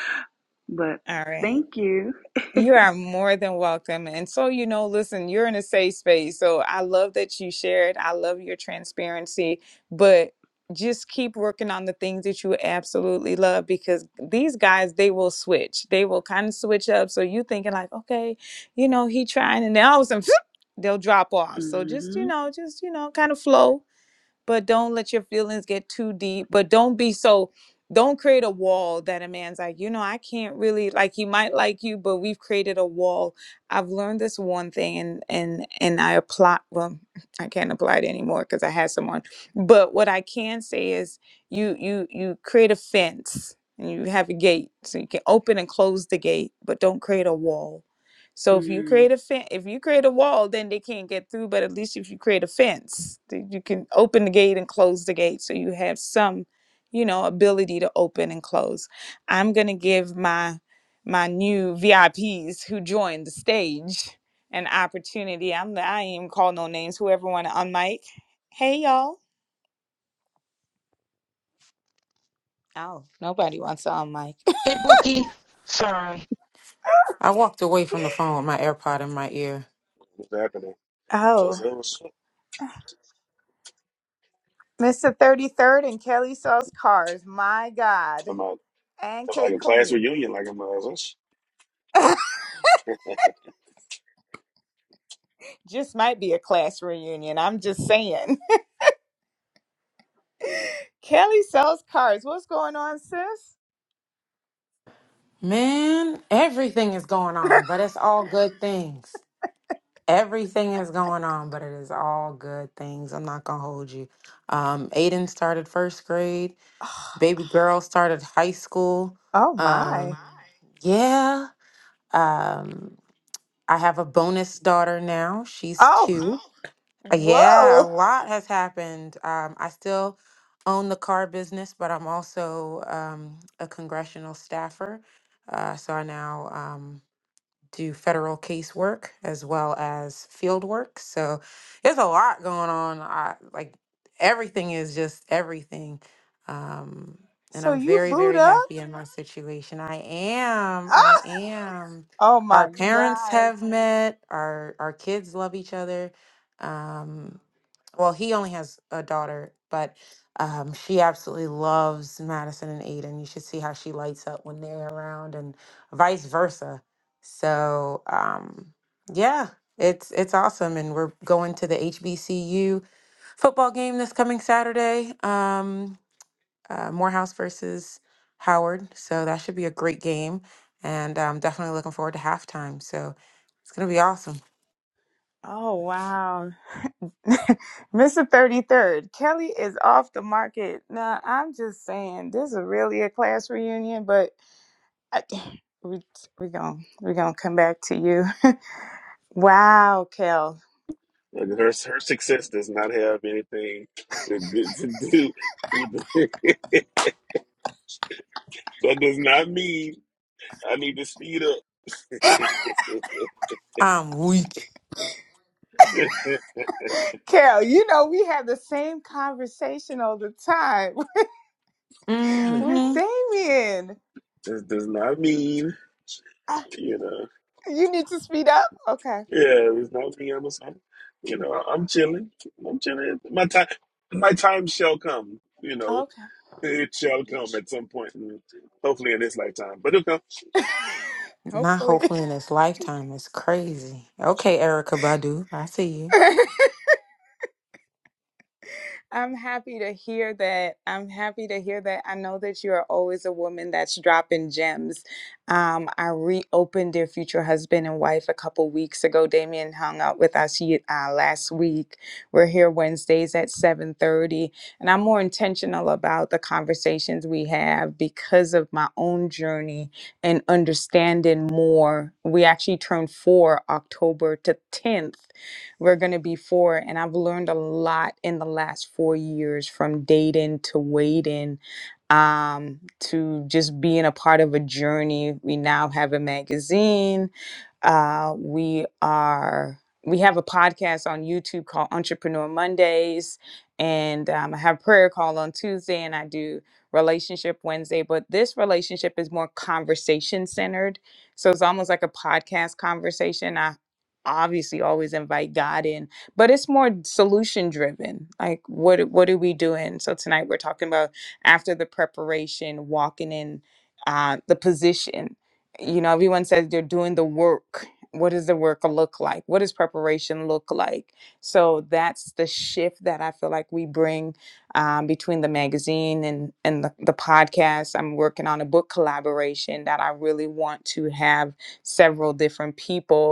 But
All right.
thank you.
You are more than welcome. And so, you know, listen, you're in a safe space. So I love that you shared. I love your transparency, but just keep working on the things that you absolutely love because these guys, they will switch. They will kind of switch up. So you thinking like, okay, you know, he trying and then all of a sudden [LAUGHS] [TSK] they'll drop off. So just, you
Mm-hmm.
know, just, you know, kind of flow but don't let your feelings get too deep but don't be so don't create a wall that a man's like you know i can't really like he might like you but we've created a wall i've learned this one thing and and and i apply well [LAUGHS] i can't apply it anymore because i had someone but what i can say is you you you create a fence and you have a gate so you can open and close the gate but don't create a wall so if you
Mm.
create a fen- if you create a wall, then they can't get through. But at least if you create a fence, then you can open the gate and close the gate, so you have some, you know, ability to open and close. I'm gonna give my my new VIPs who joined the stage an opportunity. I'm the, I ain't even call no names. Whoever want to unmic, hey y'all. Oh, nobody wants to unmic.
Hey, Bookie. Sorry. I walked away from the phone with my AirPod in my ear.
What's happening?
Oh,
What's up? What's up?
Mr. 33rd and Kelly sells cars. My God,
I'm out.
and
It's like
K
a class
Queen.
reunion, like a mother's.
[LAUGHS] Just might be a class reunion. I'm just saying. [LAUGHS] Kelly sells cards. What's going on, sis?
Man, everything is going
[SIGHS] [LAUGHS]
on, but it's all good things. Everything is going on, but it is all good things. I'm not going to hold you. Um, Aiden started first grade. Baby girl started high school.
Oh
Um,
my.
yeah. Um, I have a bonus daughter now. She's
Oh,
two. Yeah, a
whoa.
lot has happened. Um, I still own the car business, but I'm also um, a congressional staffer. Uh, so I now um, do federal casework as well as field work. So there's a lot going on. I, like everything is just everything. Um, and
So
I'm
you
very,
boot
very
up?
happy in my situation. I am.
Ah!
I am.
Oh
Our
my
parents
God.
have met. Our our kids love each other. Um, well, he only has a daughter, but um, she absolutely loves Madison and Aiden. You should see how she lights up when they're around, and vice versa so um, yeah, it's it's awesome, and we're going to the HBCU football game this coming Saturday. Um, uh, Morehouse versus Howard, so that should be a great game, and I'm definitely looking forward to halftime. So it's gonna be awesome.
Oh wow. [LAUGHS] Mr. 33rd, Kelly is off the market. Now, I'm just saying this is really a class reunion, but I, [SIGHS] we we going we going to come back to you. [LAUGHS] wow, Kel.
Like her, her success does not have anything to, do- [LAUGHS] to do with the, [LAUGHS] that. Does not mean I need to speed up. [LAUGHS]
I'm weak.
this
Carol, you know, we have the same conversation all the time [LAUGHS] with
Mm-hmm.
Damien.
does not mean
Ah,
you know.
You need to speed up? Okay.
Yeah, it does not mean I'm a son. You know, I'm chilling. I'm chilling. My time, my time shall come. You know,
Okay.
it shall come at some point, and hopefully in this lifetime. But it'll
[LAUGHS]
Not
Hopefully.
hopefully in this lifetime. It's crazy. Okay, Erica Badu, I see you.
[LAUGHS] I'm happy to hear that. I'm happy to hear that. I know that you are always a woman that's dropping gems. Um, I reopened Dear Future Husband and Wife a couple weeks ago. Damien hung out with us ye- uh, last week. We're here Wednesdays at 7.30. And I'm more intentional about the conversations we have because of my own journey and understanding more. We actually turned four October to 10th we're going to be for. And I've learned a lot in the last four years from dating to waiting um to just being a part of a journey we now have a magazine uh we are we have a podcast on youtube called entrepreneur mondays and um, i have prayer call on tuesday and i do relationship wednesday but this relationship is more conversation centered so it's almost like a podcast conversation I obviously always invite God in, but it's more solution driven. Like what what are we doing? So tonight we're talking about after the preparation, walking in uh, the position. You know, everyone says they're doing the work. What does the work look like? What does preparation look like? So that's the shift that I feel like we bring um, between the magazine and and the, the podcast. I'm working on a book collaboration that I really want to have several different people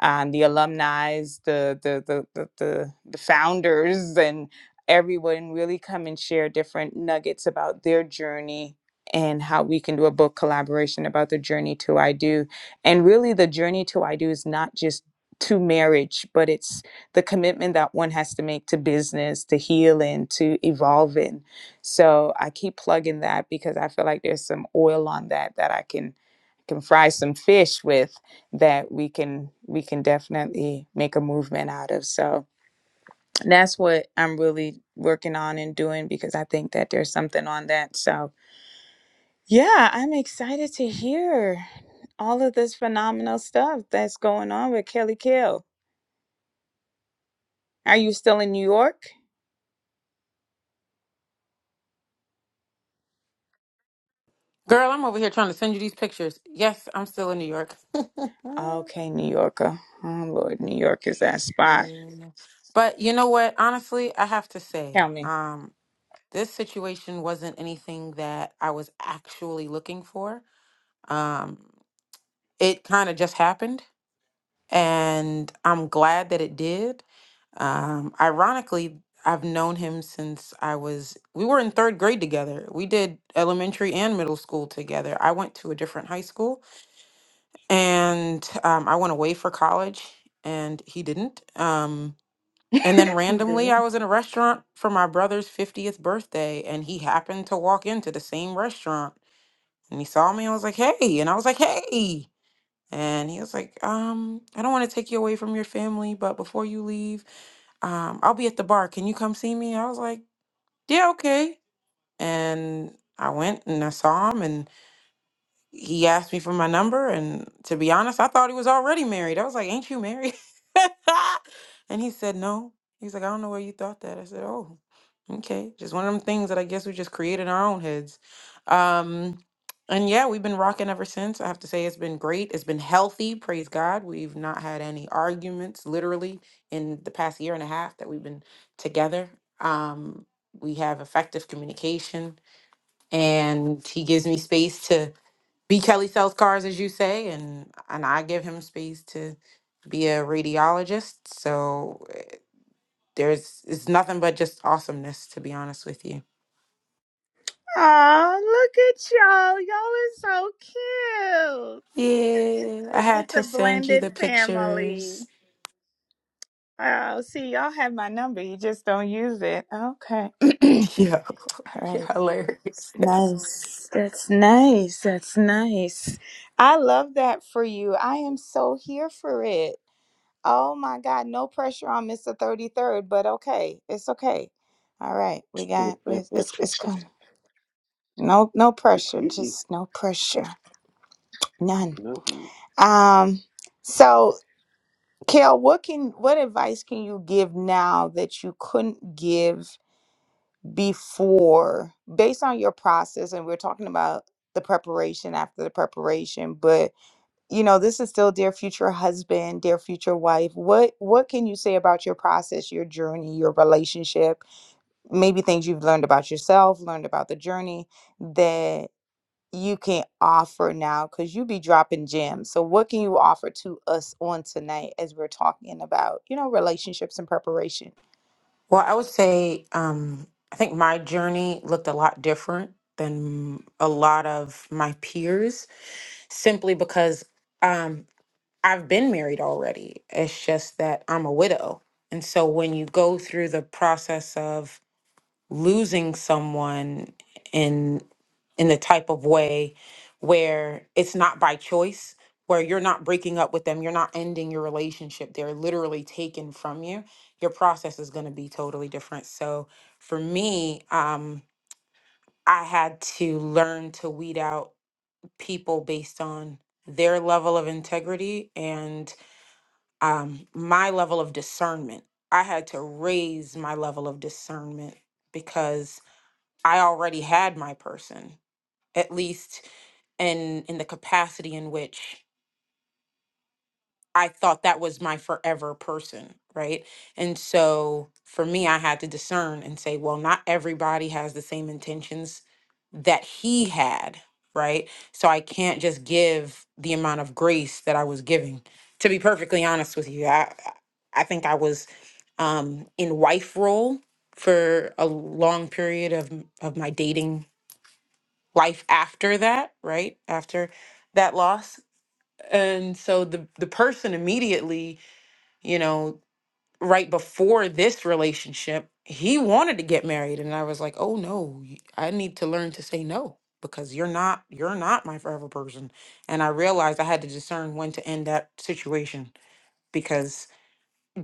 um, the alumni, the, the the the the the founders, and everyone really come and share different nuggets about their journey and how we can do a book collaboration about the journey to I do, and really the journey to I do is not just to marriage, but it's the commitment that one has to make to business, to healing, to evolving. So I keep plugging that because I feel like there's some oil on that that I can can fry some fish with that we can we can definitely make a movement out of. So that's what I'm really working on and doing because I think that there's something on that. So yeah, I'm excited to hear all of this phenomenal stuff that's going on with Kelly Kill. Are you still in New York?
Girl, I'm over here trying to send you these pictures. Yes, I'm still in New York. [LAUGHS]
Okay, New Yorker. Oh Lord, New York is that spot.
Yeah. But you know what? Honestly, I have to
Tell
say,
me.
um, this situation wasn't anything that I was actually looking for. Um, it kind of just happened, and I'm glad that it did. Um, ironically, I've known him since I was, we were in third grade together. We did elementary and middle school together. I went to a different high school, and um, I went away for college, and he didn't. Um. And then randomly, I was in a restaurant for my brother's 50th birthday, and he happened to walk into the same restaurant. And he saw me and was like, hey. And I was like, hey. And he was like, um, I don't want to take you away from your family, but before you leave, um, I'll be at the bar. Can you come see me? I was like, yeah, okay. And I went and I saw him, and he asked me for my number and to be honest i thought he was already married i was like ain't you married [LAUGHS] and he said no he's like i don't know where you thought that i said oh okay just one of them things that i guess we just created in our own heads um and yeah we've been rocking ever since i have to say it's been great it's been healthy praise god we've not had any arguments literally in the past year and a half that we've been together um we have effective communication and he gives me space to B. Kelly sells cars, as you say, and and I give him space to be a radiologist. So eh, there's it's nothing but just awesomeness, to be honest with you.
Oh, look at y'all. Y'all are so cute.
Yeah, I
Look at
had to
the
send you
blended
the
family.
pictures.
Oh, see, y'all have my number. You just don't use it. Okay. [CLEARS THROAT]
[LAUGHS] Yo,
All
[LAUGHS] you're
right.
hilarious.
Nice. That's nice. That's nice. I love that for you. I am so here for it. Oh my God. No pressure on Mr. 33rd, but okay. It's okay. All right. We got it's it's
come.
it's
[LAUGHS]
coming. No no pressure.
Mm-mm.
Just no pressure. None.
No.
Um so Kale, what can what advice can you give now that you couldn't give before based on your process and we're talking about the preparation after the preparation but you know this is still dear future husband dear future wife what what can you say about your process your journey your relationship maybe things you've learned about yourself learned about the journey that you can offer now because you be dropping gems so what can you offer to us on tonight as we're talking about you know relationships and preparation
Well, I would say um, I think my journey looked a lot different than a lot of my peers, simply because. Um, I've been married already. It's just that I'm a widow. And so when you go through the process of losing someone in in the type of way where it's not by choice, where you're not breaking up with them, you're not ending your relationship, they're literally taken from you, your process is going to be totally different. So for me, um I had to learn to weed out people based on their level of integrity and um, my level of discernment. I had to raise my level of discernment because I already had my person, at least in in the capacity in which I thought that was my forever person, right? And so for me, I had to discern and say, well, not everybody has the same intentions that he had, right? So I can't just give the amount of grace that I was giving. To be perfectly honest with you, I I I think I was um, in wife role for a long period of m- of my dating life after that, right? After that loss, and so the the person immediately you know, right before this relationship, he wanted to get married and I was like, "Oh no, y- I need to learn to say no because you're not you're not my forever person." And I realized I had to discern when to end that situation because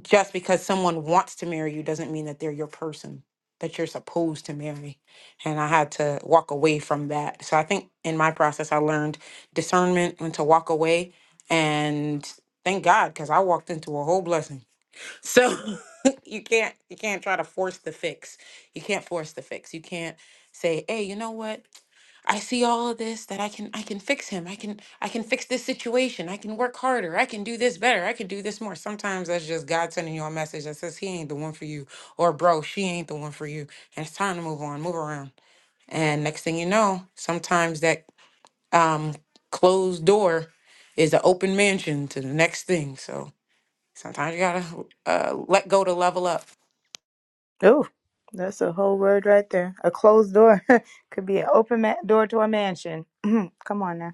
just because someone wants to marry you doesn't mean that they're your person that you're supposed to marry. And I had to walk away from that. So I think in my process I learned discernment when to walk away and thank God cuz I walked into a whole blessing so [LAUGHS] you can't you can't try to force the fix. You can't force the fix. You can't say, "Hey, you know what? I see all of this that I can I can fix him. I can I can fix this situation. I can work harder. I can do this better. I can do this more." Sometimes that's just God sending you a message that says he ain't the one for you or bro, she ain't the one for you. And it's time to move on, move around. And next thing you know, sometimes that um closed door is an open mansion to the next thing. So Sometimes you gotta uh, let go to level up.
Oh, that's a whole word right there. A closed door [LAUGHS] could be an open ma- door to a mansion. [CLEARS THROAT] Come on now.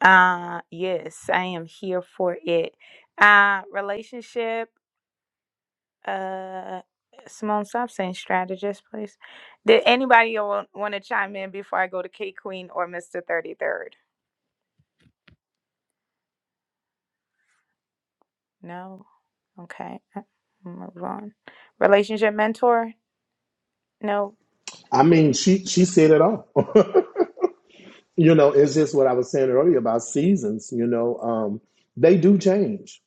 Uh yes, I am here for it. Uh relationship. Uh, Simone, stop saying strategist, please. Did anybody want to chime in before I go to K Queen or Mister Thirty Third? No. Okay. uh, Move on. Relationship mentor. No.
I mean, she she said it all. [LAUGHS] you know, it's just what I was saying earlier about seasons. You know, um, they do change.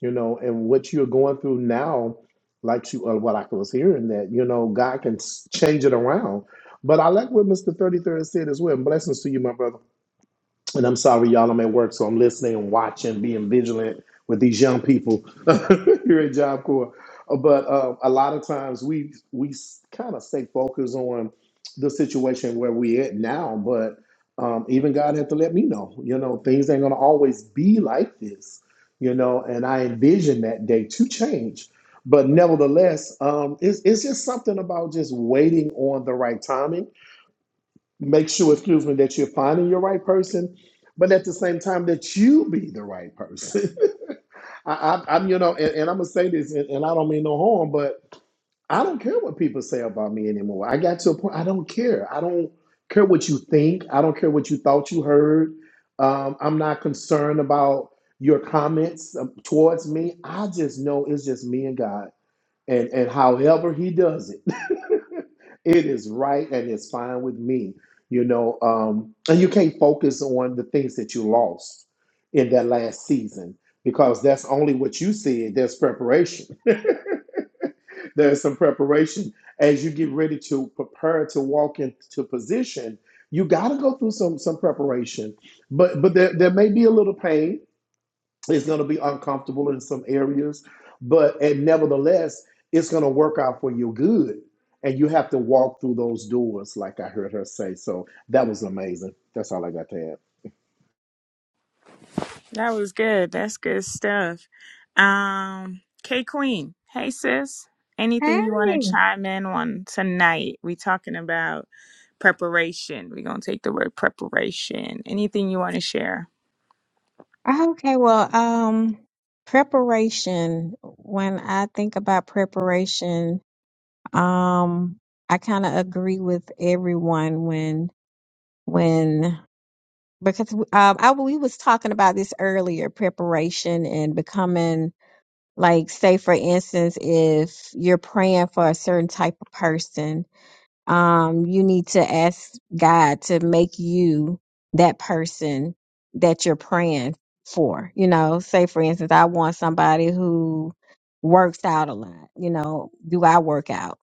You know, and what you're going through now, like you, uh, what I was hearing that you know, God can s- change it around. But I like what Mister Thirty Third said as well. Blessings to you, my brother and I'm sorry, y'all, I'm at work, so I'm listening and watching, being vigilant with these young people [LAUGHS] here at Job Corps. Uh, But uh, a lot of times we we kind of stay focused on the situation where we at now, but um, even God had to let me know, you know, things ain't gonna always be like this, you know, and I envision that day to change. But nevertheless, um, it's, it's just something about just waiting on the right timing make sure, excuse me, that you're finding your right person, but at the same time that you be the right person. [LAUGHS] I, I, I'm, you know, and, and I'm gonna say this, and, and I don't mean no harm, but I don't care what people say about me anymore. I got to a point I don't care. I don't care what you think. I don't care what you thought you heard. Um, I'm not concerned about your comments um, towards me. I just know it's just me and God, and and however He does it it is right and it's fine with me you know um and you can't focus on the things that you lost in that last season because that's only what you see there's preparation [LAUGHS] there's some preparation as you get ready to prepare to walk into position you got to go through some some preparation but but there, there may be a little pain it's going to be uncomfortable in some areas, but and nevertheless, it's going to work out for your good. And you have to walk through those doors, like I heard her say. So that was amazing. That's all I got to add.
That was good. That's good stuff. Um, K Queen. Hey sis. Anything you want
Hey.
to chime in on tonight? We talking about preparation. We're gonna take the word preparation. Anything you want to share?
Okay, well, um, preparation. When I think about preparation, um, I kind of agree with everyone when when because um, I we was talking about this earlier, preparation and becoming like, say, for instance, if you're praying for a certain type of person, um, you need to ask God to make you that person that you're praying for. You know, say for instance, I want somebody who works out a lot. You know, do I work out?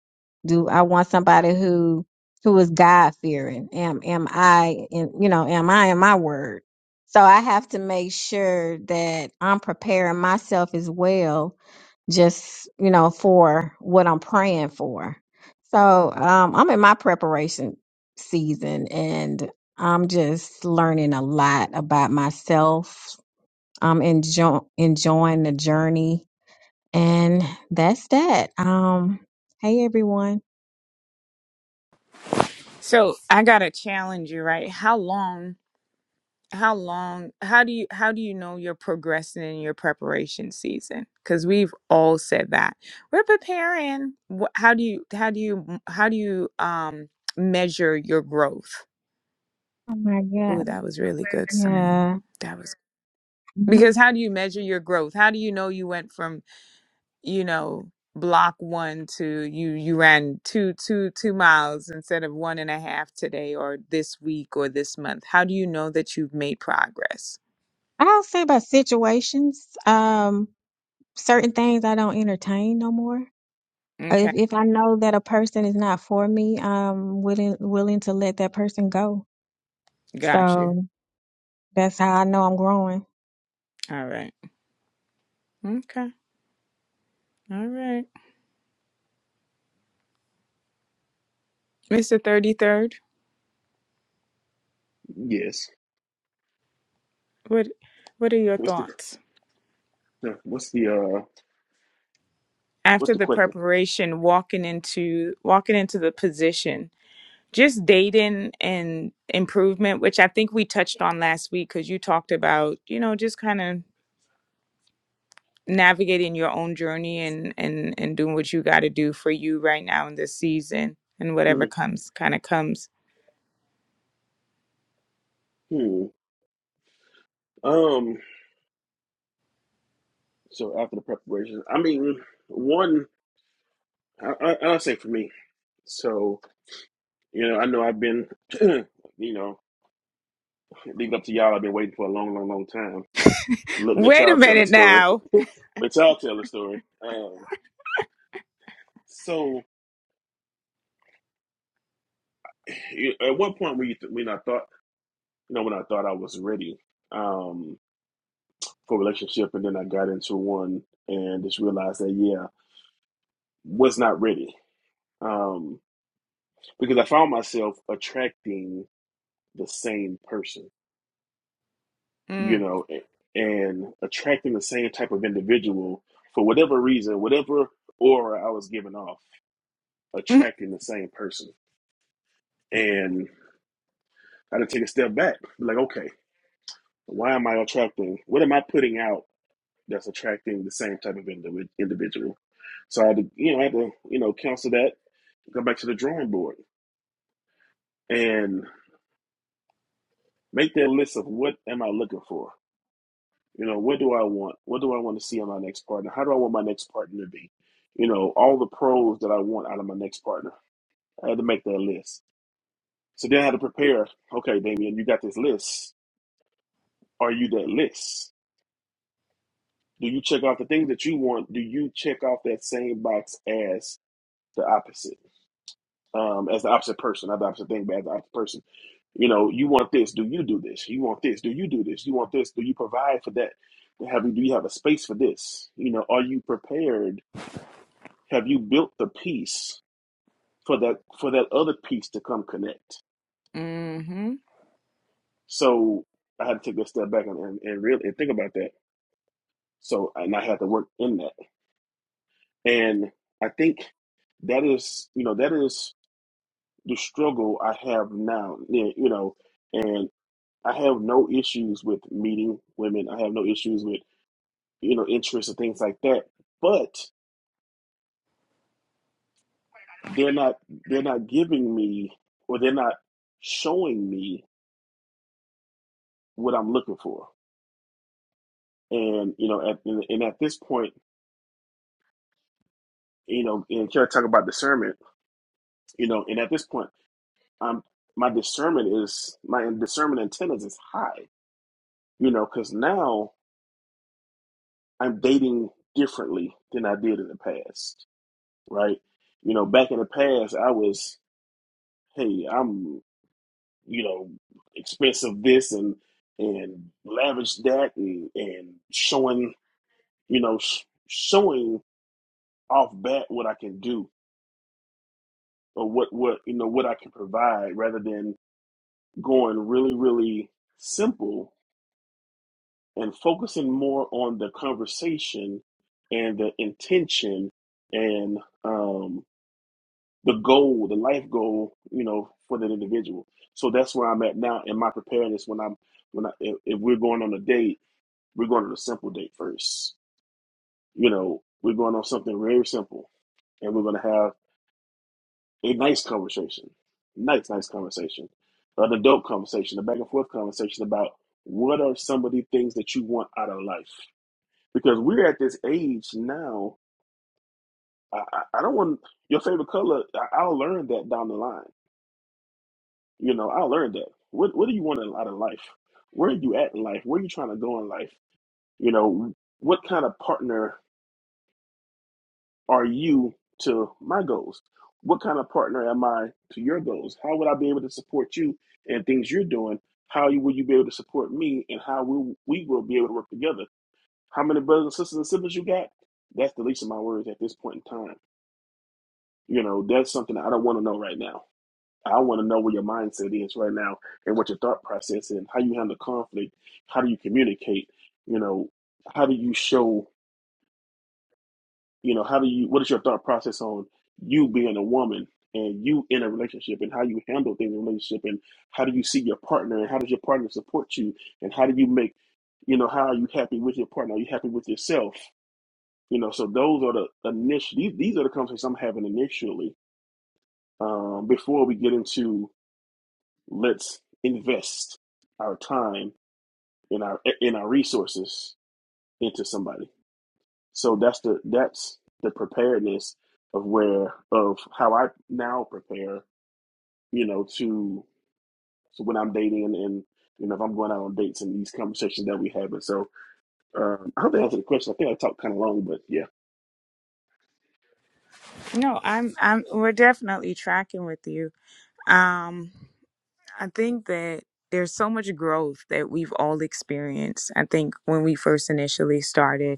Do I want somebody who who is God fearing? Am am I in you know, am I in my word? So I have to make sure that I'm preparing myself as well just you know for what I'm praying for. So um, I'm in my preparation season, and I'm just learning a lot about myself. I'm enjoy- enjoying the journey, and that's that. Um, hey everyone.
So I gotta challenge you, right? How long how long how do you how do you know you're progressing in your preparation season because we've all said that we're preparing Wh- how do you how do you how do you um measure your growth
Oh my
oh
god,
that was really good Simone.
yeah.
that was
Mhm.
because how do you measure your growth how do you know you went from you know block one to you you ran two two two miles instead of one and a half today or this week or this month how do you know that you've made progress
I'll say about situations. Um, certain things I don't entertain no more. If
okay
if I know that a person is not for me, I'm willing willing to let that person go.
got you
So that's how I know I'm growing.
All right. Okay. All right. Mr. 33rd,
Yes.
what what are your
What's the
thoughts?
no, what's the uh what's
After
the
the
question?
preparation, walking into walking into the position, just dating and improvement, which I think we touched on last week cuz you talked about, you know, just kind of navigating your own journey and and and doing what you got to do for you right now in this season and
hmm
whatever comes kind of comes.
Hmm. Um. So after the preparation, I mean, one, I, I I'll say for me. So you know, I know I've been, [CLEARS THROAT] you know, leave it up to y'all. I've been waiting for a long, long, long time. Let, let
Wait a
y'all tell the
minute
story. [LAUGHS]
now.
Let y'all tell the story. Um. So [CLEARS THROAT] you- at one point, when you th- when I thought, you know, when I thought I was ready, Um. for relationship, and then I got into one and just realized that yeah, was not ready. Um, because I found myself attracting the same person, you
Mm. [LAUGHS]
know, and attracting the same type of individual for whatever reason, whatever aura I was giving off,
[CLEARS THROAT]
attracting the same person. And I had to take a step back, like, okay, why am I attracting? What am I putting out that's attracting the same type of individual? So I had to, you know, I had to, you know, counsel that go back to the drawing board and make that list of what am I looking for? You know, what do I want? What do I want to see in my next partner? How do I want my next partner to be? You know, all the pros that I want out of my next partner. I had to make that list. So then I had to prepare. Okay, Damian, you got this list. Are you that list? Do you check off the things that you want? Do you check off that same box as the opposite? um, as the opposite person, not the opposite thing, but as the opposite person. You know, you want this, do you do this? You want this, do you do this? You want this, do you provide for that? Have you do you have a space for this? You know, are you prepared? Have you built the piece for that for that other piece to come connect?
Mm-hmm.
So I had to take a step back and and, and really and think about that. So and I had to work in that. And I think that is, you know, that is the struggle I have now. Yeah, You know, and. I have no issues with meeting women. I have no issues with you know interests and things like that. But they're not they're not giving me or they're not showing me what I'm looking for. And you know, at, and, and at this point, you know, and can I talk about discernment? You know, and at this point, I'm my discernment is my discernment antennas is high. You know, because now I'm dating differently than I did in the past, right? You know, back in the past, I was hey, I'm, you know, expensive this and and lavish that and and showing, you know, sh- showing off bat what I can do or what what you know what I can provide rather than going really really simple and focusing more on the conversation and the intention and um the goal, the life goal, you know, for that individual. So that's where I'm at now in my preparedness. When I'm when I if, if we're going on a date, we're going on a simple date first. You know, we're going on something very simple, and we're going to have a nice conversation, nice nice conversation, an adult conversation, a back and forth conversation about what are some of the things that you want out of life. Because we're at this age now. I, I I don't want your favorite color. I, I'll learn that down the line You know, I learned that. What What do you want in- out of life? Where are you at in life? Where are you trying to go in life? You know, what kind of partner are you to my goals? What kind of partner am I to your goals? How would I be able to support you and things you're doing? How you, will you be able to support me, and how will we will be able to work together? How many brothers and sisters and siblings you got? That's the least of my worries at this point in time. You know, that's something I don't want to know right now I want to know where your mindset is right now and what your thought process and how you handle conflict. How do you communicate? You know, how do you show, you know, how do you, what is your thought process on you being a woman and you in a relationship and how you handle things in a relationship and how do you see your partner and how does your partner support you and how do you make, you know, how are you happy with your partner? Are you happy with yourself? You know, so those are the initial, these, these are the conversations I'm having initially um, before we get into Let's invest our time and our in our resources into somebody. So that's the that's the preparedness of where of how I now prepare, you know, to so when I'm dating and, and you know if I'm going out on dates and these conversations that we have. And so um, I hope that answered the question. I think I talked kind of long, but yeah,
No, I'm I'm we're definitely tracking with you. Um I think that there's so much growth that we've all experienced. I think when we first initially started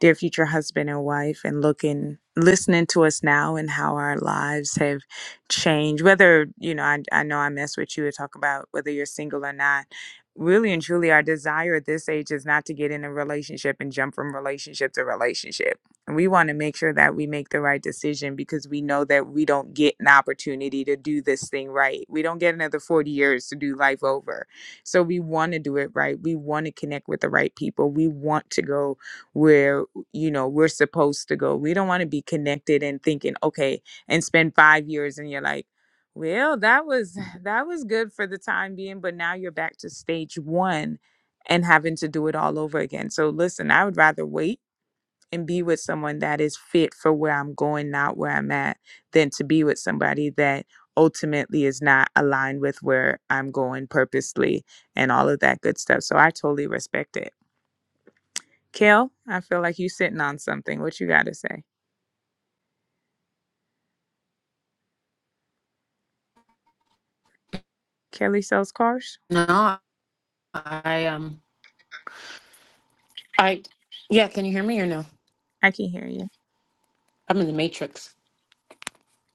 dear future husband and wife and looking listening to us now and how our lives have changed whether you know i, I know i mess with you and talk about whether you're single or not really and truly our desire at this age is not to get in a relationship and jump from relationship to relationship and we want to make sure that we make the right decision because we know that we don't get an opportunity to do this thing right we don't get another 40 years to do life over so we want to do it right we want to connect with the right people we want to go where you know we're supposed to go we don't want to be connected and thinking okay and spend five years and you're like well that was [LAUGHS] that was good for the time being but now you're back to stage one and having to do it all over again so listen i would rather wait and be with someone that is fit for where i'm going not where i'm at than to be with somebody that ultimately is not aligned with where i'm going purposely and all of that good stuff so i totally respect it Kel, I feel like you sitting on something. What you got to say? Kelly sells cars?
No, I um, I yeah. Can you hear me or no?
I can hear you.
I'm in the matrix.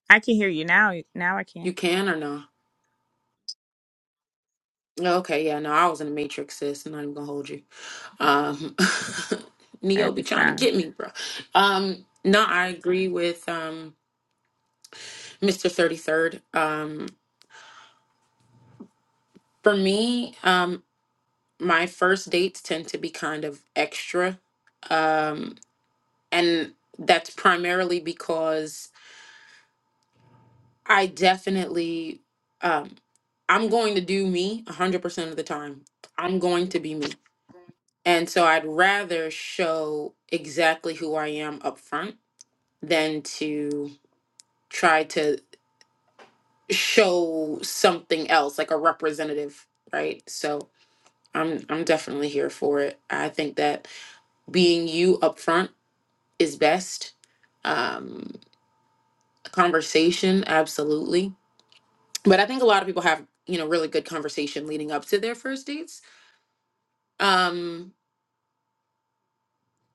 I can hear you now. Now I
You
can.
can or no? No, Okay, yeah, no, I was in the matrix, sis. I'm not even gonna hold you. Um, [LAUGHS] Neo
At
be
this
trying to
time.
get me, bro. Um, no, I agree with um Mr. 33rd. Um, for me, um, my first dates tend to be kind of extra, um, and that's primarily because I definitely um I'm going to do me 100% of the time. I'm going to be me. And so I'd rather show exactly who I am up front than to try to show something else like a representative, right? So I'm I'm definitely here for it. I think that being you up front is best. Um conversation absolutely but I think a lot of people have you know really good conversation leading up to their first dates. Um,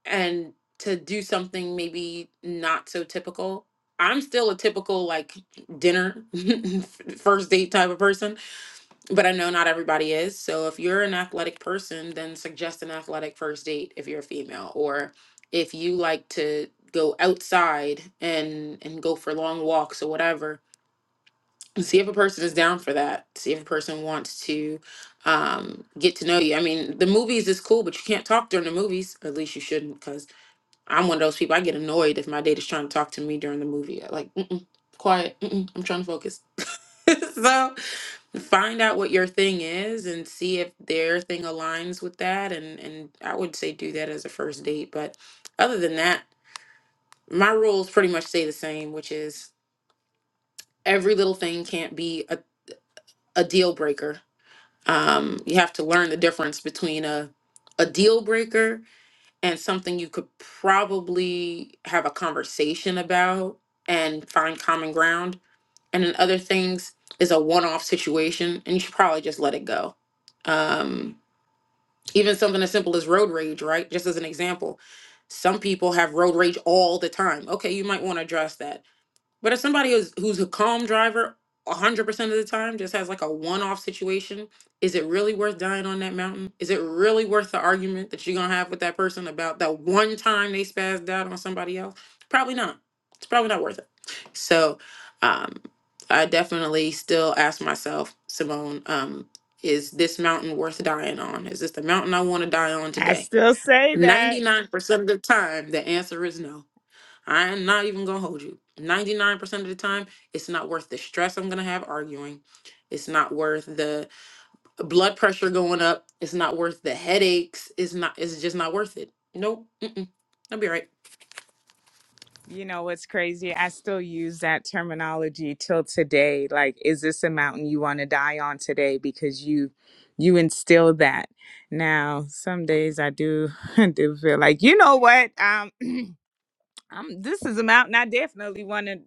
and to do something maybe not so typical. I'm still a typical like dinner [LAUGHS] first date type of person, but I know not everybody is. So if you're an athletic person, then suggest an athletic first date if you're a female, or if you like to go outside and and go for long walks or whatever see if a person is down for that see if a person wants to um get to know you i mean the movies is cool but you can't talk during the movies at least you shouldn't because i'm one of those people i get annoyed if my date is trying to talk to me during the movie I like mm-mm, quiet mm-mm, i'm trying to focus [LAUGHS] so find out what your thing is and see if their thing aligns with that and and i would say do that as a first date but other than that my rules pretty much stay the same which is every little thing can't be a, a deal breaker um, you have to learn the difference between a a deal breaker and something you could probably have a conversation about and find common ground. And then other things is a one off situation, and you should probably just let it go. Um, even something as simple as road rage, right? Just as an example, some people have road rage all the time. Okay, you might want to address that but if somebody is who's a calm driver a hundred percent of the time just has like a one-off situation, is it really worth dying on that mountain? Is it really worth the argument that you're gonna have with that person about that one time they spazzed out on somebody else? Probably not. It's probably not worth it. So um I definitely still ask myself, Simone, um, is this mountain worth dying on? Is this the mountain I want to die on
I
today?
still say that.
99% of the time, the answer is no. I'm not even gonna hold you. 99% of the time, it's not worth the stress I'm gonna have arguing. It's not worth the blood pressure going up. It's not worth the headaches. It's not, it's just not worth it. Nope. Mm-mm. I'll be all right.
You know what's crazy? I still use that terminology till today. Like, is this a mountain you want to die on today? Because you you instilled that. Now, some days I do [LAUGHS] do feel like, you know what? Um [CLEARS THROAT] I'm this is a mountain I definitely want to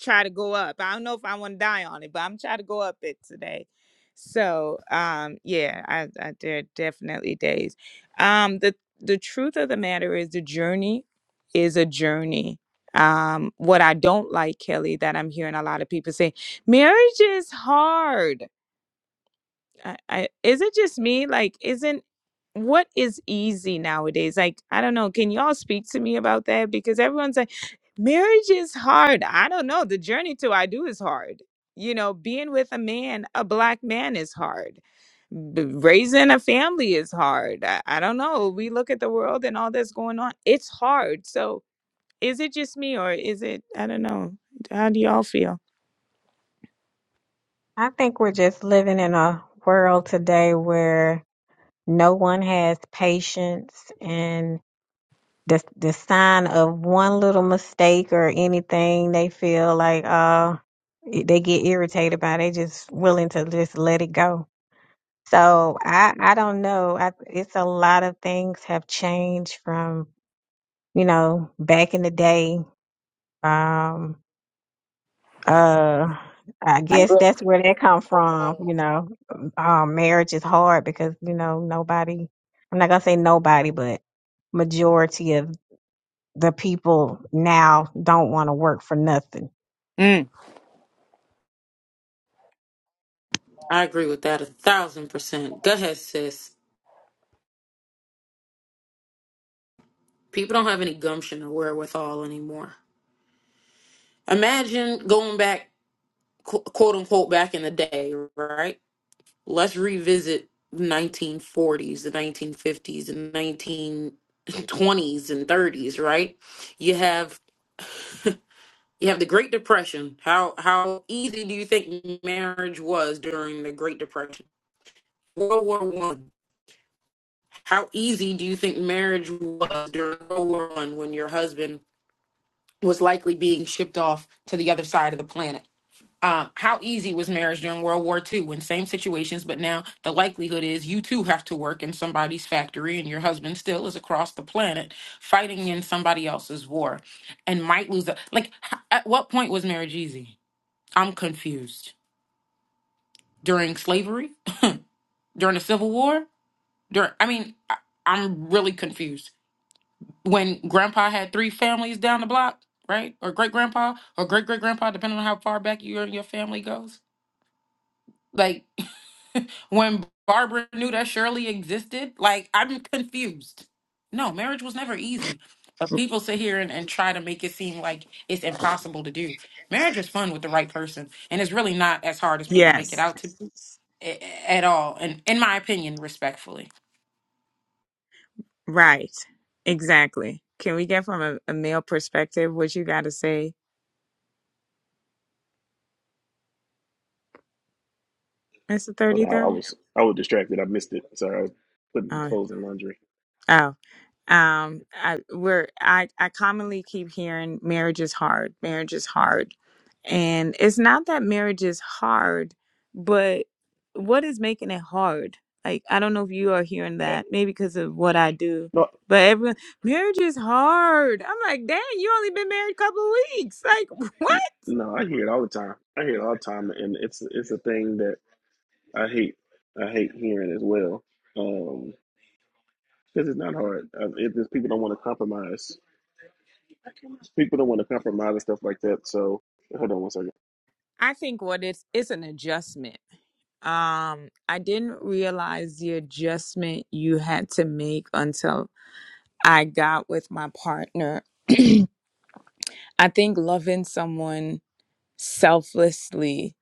try to go up. I don't know if I want to die on it, but I'm trying to go up it today. So um yeah, I, I there are definitely days. Um the the truth of the matter is the journey is a journey. Um what I don't like, Kelly, that I'm hearing a lot of people say, marriage is hard I, I is it just me like isn't what is easy nowadays like i don't know can y'all speak to me about that because everyone's like marriage is hard i don't know the journey to i do is hard you know being with a man a black man is hard B- raising a family is hard I, I don't know we look at the world and all that's going on it's hard so is it just me or is it i don't know how do y'all feel
I think we're just living in a world today where no one has patience and the the sign of one little mistake or anything they feel like uh they get irritated by they just willing to just let it go. So I I don't know. I, it's a lot of things have changed from you know, back in the day. Um, uh, I guess that's where that come from. You know, um, marriage is hard because you know nobody. I'm not gonna say nobody, but majority of the people now don't want to work for nothing.
Mm.
I agree with that a thousand percent. Go ahead, sis. People don't have any gumption or wherewithal anymore. Imagine going back, qu- quote unquote, back in the day, right? let's revisit the 1940s, the 1950s, the 1920s and 30s, right? You have [LAUGHS] you have the Great Depression. How how easy do you think marriage was during the Great Depression? World War One. How easy do you think marriage was during World War One when your husband was likely being shipped off to the other side of the planet? Um, how easy was marriage during World War II in same situations, but now the likelihood is you too have to work in somebody's factory and your husband still is across the planet fighting in somebody else's war and might lose. A, like, h- at what point was marriage easy? I'm confused. During slavery? During the Civil War? During, I mean, I, I'm really confused. When grandpa had three families down the block, right? Or great grandpa, or great great grandpa, depending on how far back you and your family goes. Like, when Barbara knew that Shirley existed. Like, I'm confused. No, marriage was never easy. But people sit here and, and try to make it seem like it's impossible to do. Marriage is fun with the right person, and it's really not as hard as people make
Yes.
it out to be a- at all. And in my opinion, respectfully.
Right. Exactly. Can we get from a, a male perspective what you got to say? It's the
hold on. I, I
33rd.
was I was distracted. I missed it. Sorry, I was putting
Oh,
clothes in laundry.
oh. Um, I, we're, I, I commonly keep hearing marriage is hard. Marriage is hard. And it's not that marriage is hard, but what is making it hard? Like, I don't know if you are hearing
Yeah,
that, maybe because of what I do,
no,
but everyone, marriage is hard. I'm like, dang, you only been married a couple of weeks. Like, [LAUGHS] what?
no, I hear it all the time. I hear it all the time, and it's it's a thing that I hate I hate hearing as well Um, because it's not hard. Uh, It, it's, people don't want to compromise. People don't want to compromise and stuff like that. So hold on one second.
I think what it's it's an adjustment Um, I didn't realize the adjustment you had to make until I got with my partner. I think loving someone selflessly,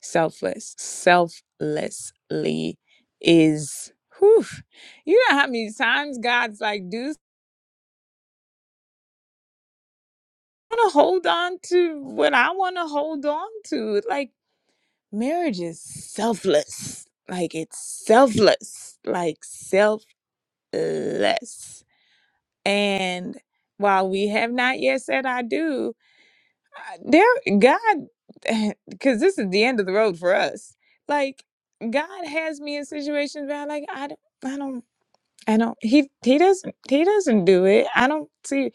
selfless, selflessly is whew, you know how many times God's like, dude, I wanna hold on to what I wanna hold on to. Like marriage is selfless. Like it's selfless. Like selfless And while we have not yet said I do, uh, there God [LAUGHS] because this is the end of the road for us. Like God has me in situations where I like I don't I don't I don't he he doesn't he doesn't do it. I don't see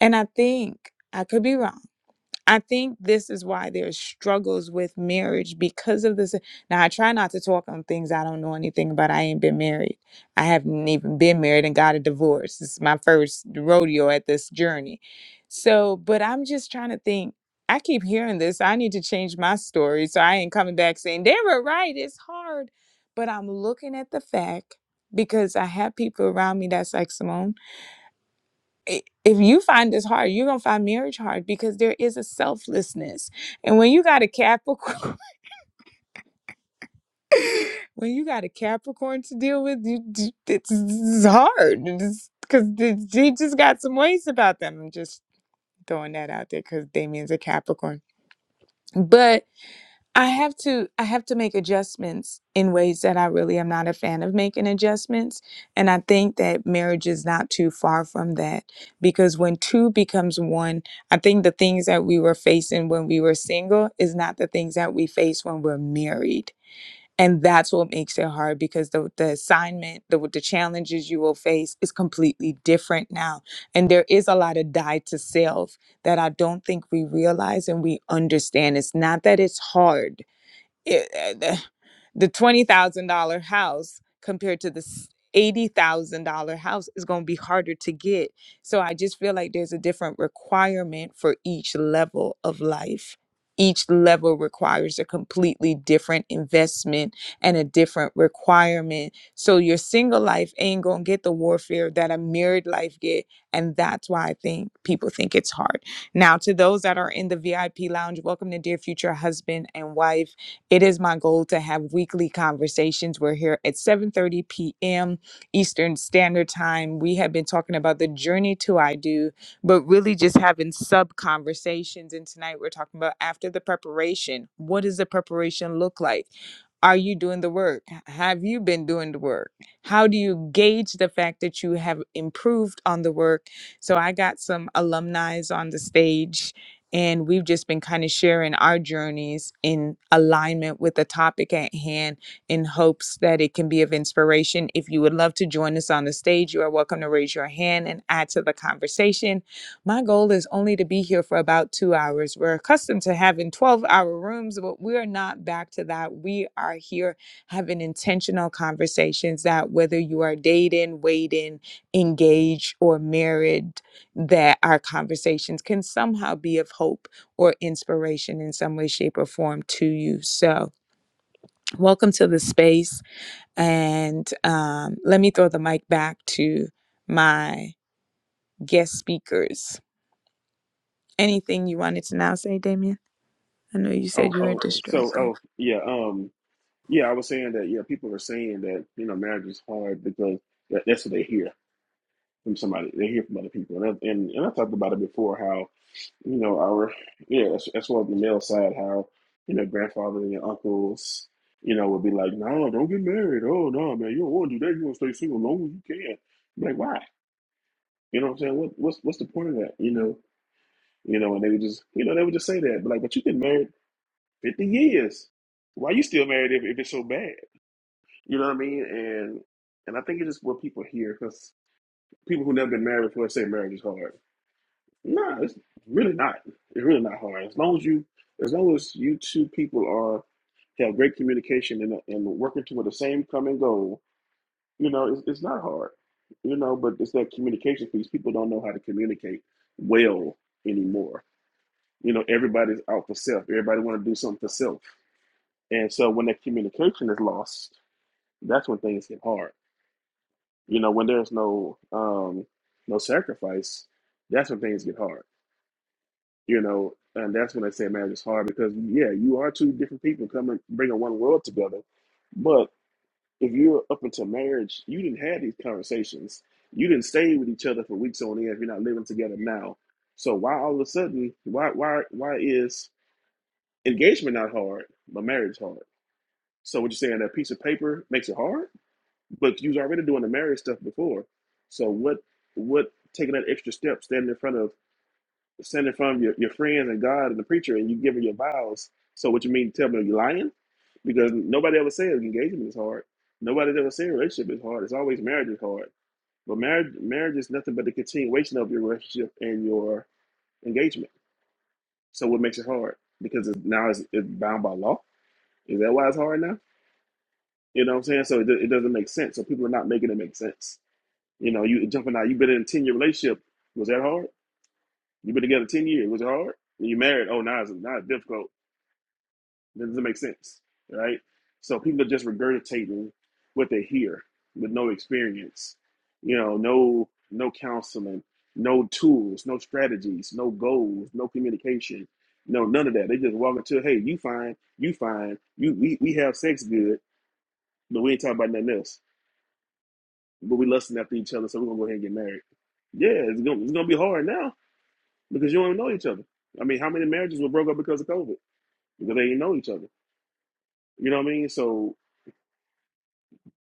and I think I could be wrong I think this is why there's struggles with marriage because of this. Now, I try not to talk on things I don't know anything about. I ain't been married. I haven't even been married and got a divorce. This is my first rodeo at this journey. So, but I'm just trying to think. I keep hearing this. I need to change my story. So I ain't coming back saying, they were right. It's hard. But I'm looking at the fact because I have people around me that's like, Simone i- if you find this hard, you're gonna find marriage hard because there is a selflessness. And when you got a Capricorn, [LAUGHS] when you got a Capricorn to deal with, you d- it's, it's hard because they just got some ways about them. I'm just throwing that out there because Damien's a Capricorn, but I have to I have to make adjustments in ways that I really am not a fan of making adjustments and I think that marriage is not too far from that because when two becomes one I think the things that we were facing when we were single is not the things that we face when we're married and that's what makes it hard because the the assignment the the challenges you will face is completely different now and there is a lot of die to self that I don't think we realize and we understand it's not that it's hard it, uh, the twenty thousand dollar house compared to the s- eighty thousand dollar house is going to be harder to get. So I just feel like there's a different requirement for each level of life. Each level requires a completely different investment and a different requirement. So your single life ain't gonna get the warfare that a married life get, and that's why I think people think it's hard. Now, to those that are in the VIP lounge, welcome to dear future husband and wife. It is my goal to have weekly conversations. We're here at 7:30 p.m. Eastern Standard Time. We have been talking about the journey to I do, but really just having sub conversations. And tonight we're talking about after the preparation. What does the preparation look like? Are you doing the work? Have you been doing the work? How do you gauge the fact that you have improved on the work? So I got some alumni on the stage and we've just been kind of sharing our journeys in alignment with the topic at hand in hopes that it can be of inspiration. If you would love to join us on the stage, you are welcome to raise your hand and add to the conversation. My goal is only to be here for about two hours. We're accustomed to having 12 hour rooms, but we are not back to that. We are here having intentional conversations that whether you are dating, waiting, engaged, or married, that our conversations can somehow be of hope or inspiration in some way, shape, or form to you. So, welcome to the space. And um, let me throw the mic back to my guest speakers. Anything you wanted to now say, Damien? I know you said
Oh
you were
oh so
distracted.
oh yeah um yeah I was saying that yeah people are saying that you know marriage is hard because that, that's what they hear from somebody they hear from other people and I, and and I talked about it before how. you know, our yeah, as, as well as the male side, how you know, grandfather and uncles, you know, would be like, "No, don't get married. Oh no, man, you don't want to do that. You want to stay single as long as you can." I'm like, why? You know what I'm saying? What what's what's the point of that? You know, you know, and they would just, you know, they would just say that, but like, but you've been married 50 years. Why you still married if, if it's so bad? You know what I mean? And and I think it's just what people hear because people who never been married before say marriage is hard. No, it's really not. It's really not hard. As long as you, as long as you two people are have great communication and and working toward the same common goal, you know, it's, it's not hard. You know, but it's that communication piece. People don't know how to communicate well anymore. You know, everybody's out for self. Everybody want to do something for self, and so when that communication is lost, that's when things get hard. You know, when there's no um no sacrifice, that's when things get hard you know and that's when i say marriage is hard because yeah you are two different people coming bringing one world together but if you're up until marriage you didn't have these conversations you didn't stay with each other for weeks on end if you're not living together now so why all of a sudden why why why is engagement not hard but marriage hard so what you're saying that piece of paper makes it hard but you was already doing the marriage stuff before so what what taking that extra step standing in front of standing in front of your, your friends and God and the preacher and you giving your vows. So what you mean to tell me you're lying? Because nobody ever said engagement is hard. Nobody's ever said relationship is hard. It's always marriage is hard. But marriage marriage is nothing but the continuation of your relationship and your engagement. So what makes it hard? Because it's, now it's, it's bound by law. Is that why it's hard now? You know what I'm saying? So it, do- it doesn't make sense. So people are not making it make sense. You know, you jumping out. You've been in a ten year relationship. Was that hard? You've been together ten years. Was it hard? When you married, oh now it's now it's difficult That doesn't make sense, right? So people are just regurgitating what they hear with no experience, you know, no no counseling, no tools, no strategies, no goals, no communication, no none of that. They just walk into, hey, you fine, you fine, you we, we have sex good, but we ain't talking about nothing else. But we lusting after each other, so we're gonna go ahead and get married. Yeah, it's gonna it's gonna be hard now because you don't even know each other. I mean, how many marriages were broke up because of COVID? Because they didn't know each other. You know what I mean? So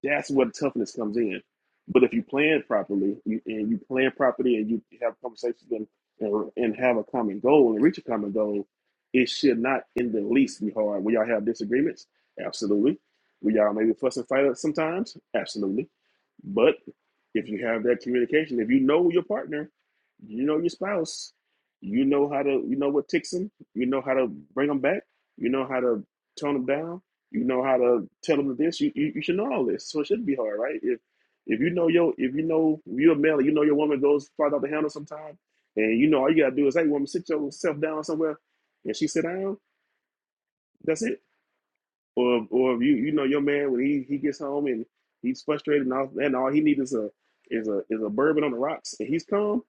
That's where the toughness comes in. But if you plan properly you, and you plan properly and you have conversations and, and and have a common goal and reach a common goal, it should not in the least be hard. Will y'all have disagreements? Absolutely. Will y'all maybe fuss and fight sometimes? Absolutely. But if you have that communication, if you know your partner, you know your spouse, you know how to, you know what ticks them, you know how to bring them back, you know how to tone them down, you know how to tell them this. You, you you should know all this, so it shouldn't be hard, right? If if you know your if you know if you're a male, and you know your woman goes flies out the handle sometime, and you know all you gotta do is hey woman, sit yourself down somewhere, and she sit down. That's it. Or or if you you know your man when he he gets home and he's frustrated and all and all he needs is a is a is a bourbon on the rocks and he's calm.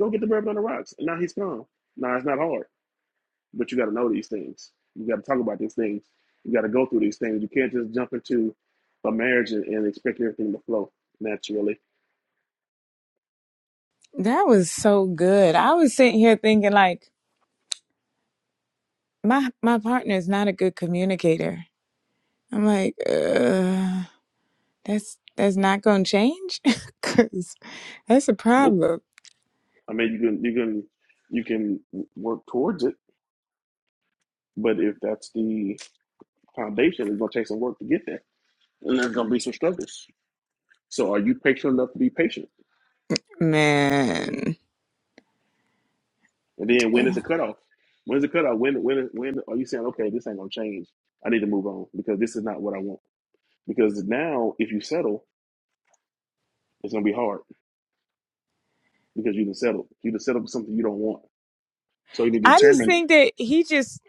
Go get the bourbon on the rocks. And now he's calm. Now it's not hard. But you got to know these things. You got to talk about these things. You got to go through these things. You can't just jump into a marriage and, and expect everything to flow naturally.
That was so good. I was sitting here thinking, like, my my partner is not a good communicator. I'm like, uh. That's that's not gonna change, [LAUGHS] cause that's a
Nope.
problem,
I mean, you can you can you can work towards it, but if that's the foundation, it's gonna take some work to get there, and there's gonna be some struggles. So, are you patient enough to be patient?
man.
And then, when is the
I
cutoff? When's the cutoff? When when when are you saying, okay, this ain't gonna change? I need to move on because this is not what I want. Because now, if you settle, it's gonna be hard because you done settled. You done settled for something you don't want. So you need
just
determine.
think that he just,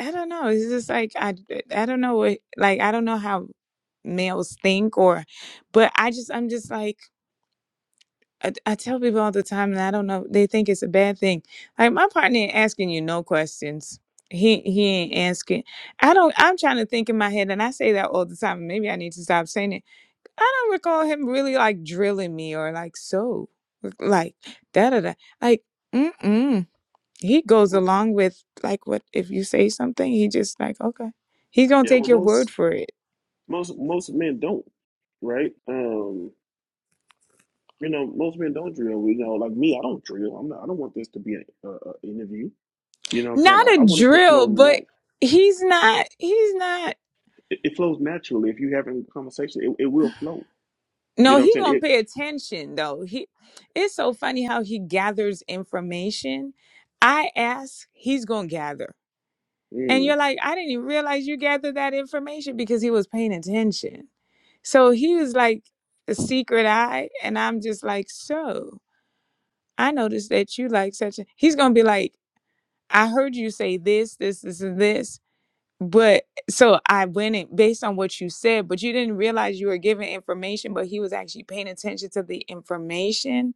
I don't know. It's just like I, I don't know what, like I don't know how males think or, but I just, I'm just like I, I tell people all the time, and I don't know. They think it's a bad thing. Like my partner ain't asking you no questions. He he ain't asking. I don't. I'm trying to think in my head, and I say that all the time. Maybe I need to stop saying it I don't recall him really like drilling me or like so like da da da like mm mm. He goes
Well,
along with like what if you say something, he just like okay, he's gonna
yeah,
take
well,
your word
most
for it.
most most men don't, right? Um, you know, most men don't drill. You know, like me, I don't drill. I'm not. I don't want this to be an uh, uh, interview. You know what I'm saying?
Not
I,
a
I want it to flow
drill, but
nat.
he's not. He's not.
It, it flows naturally. If you have a conversation, it, it will flow. You
No,
know what I'm
he
saying?
gonna
It.
pay attention though. He. It's so funny how he gathers information. I ask, he's gonna gather, and
Mm,
you're like, I didn't even realize you gathered that information because he was paying attention So he was like a secret eye, and I'm just like, so I noticed that you like such a. He's gonna be like, I heard you say this, this, this, and this, but so I went in based on what you said, but you didn't realize you were giving information, but he was actually paying attention to the information.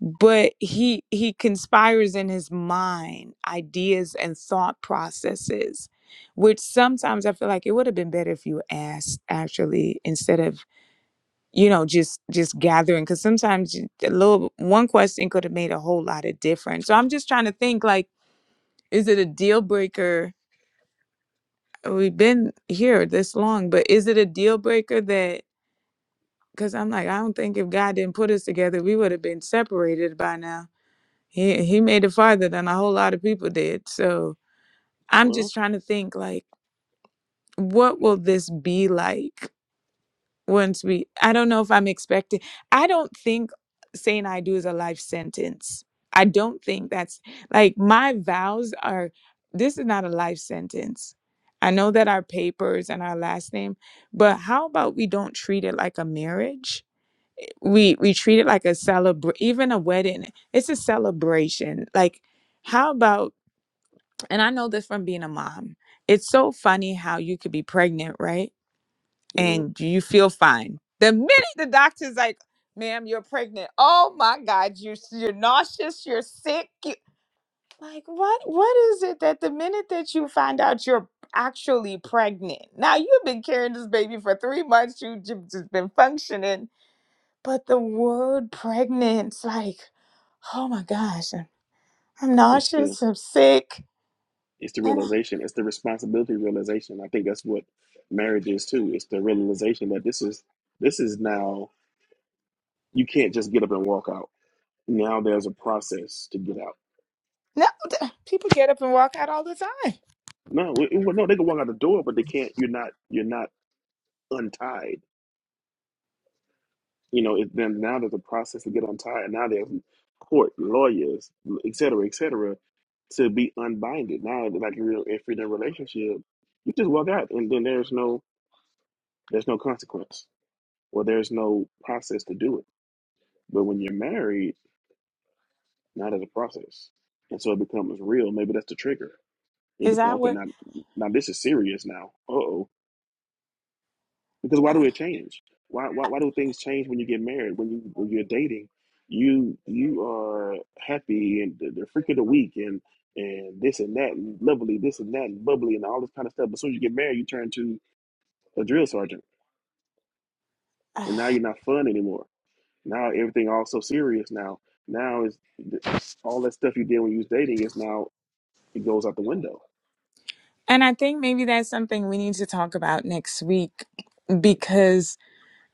But he he conspires in his mind ideas and thought processes, which sometimes I feel like it would have been better if you asked actually instead of you know just just gathering because sometimes you- a little one question could have made a whole lot of difference so i'm just trying to think like is it a deal breaker Uh, we've been here this long but is it a deal breaker that because i'm like i don't think if god didn't put us together we would have been separated by now he, he made it farther than a whole lot of people did so i'm
well,
just trying to think like what will this be like once we i don't know if i'm expecting i don't think saying i do is a life sentence i don't think that's like my vows are this is not a life sentence i know that our papers and our last name but how about we don't treat it like a marriage we we treat it like a celebration even a wedding it's a celebration like how about and i know this from being a mom it's so funny how you could be pregnant right
mm,
and you feel fine. The minute the doctor's like, ma'am, you're pregnant. Oh my God, you, you're nauseous, you're sick. you-" like, what? what is it that the minute that you find out you're actually pregnant? Now, you've been carrying this baby for three months, you've ju- just been functioning, but the word pregnant's like, oh my gosh, I'm, I'm
it's the
nauseous, I'm sick.
it's the
And I,
realization. It's the responsibility realization. I think that's what marriage is too. It's the realization that this is this is now You can't just get up and walk out. Now there's a process to get out.
no, th- people get up and walk out all the time.
No, it- well, no, they can walk out the door, but they can't. You're not. You're not untied. You know. It, then now there's a process to get untied. Now there's court, lawyers, et cetera, et cetera, to be unbinded. Now, like a real, if you're in a relationship, you just walk out, and then there's no there's no consequence, or there's no process to do it. But when you're married, now there's a process, and so it becomes real. Maybe that's the trigger It
Is
become
that
okay
what?
now. Now this is serious now. Uh oh. Because why do it change? Why, why why do things change when you get married? When you when you're dating, you you are happy and the, the freak of the week and and this and that and lovely, this and that and bubbly and all this kind of stuff. But as soon as you get married, you turn to a drill sergeant,
[SIGHS]
and now you're not fun anymore. Now everything all so serious now. Now is all that stuff you did when you was dating is now it goes out the window.
And I think maybe that's something we need to talk about next week because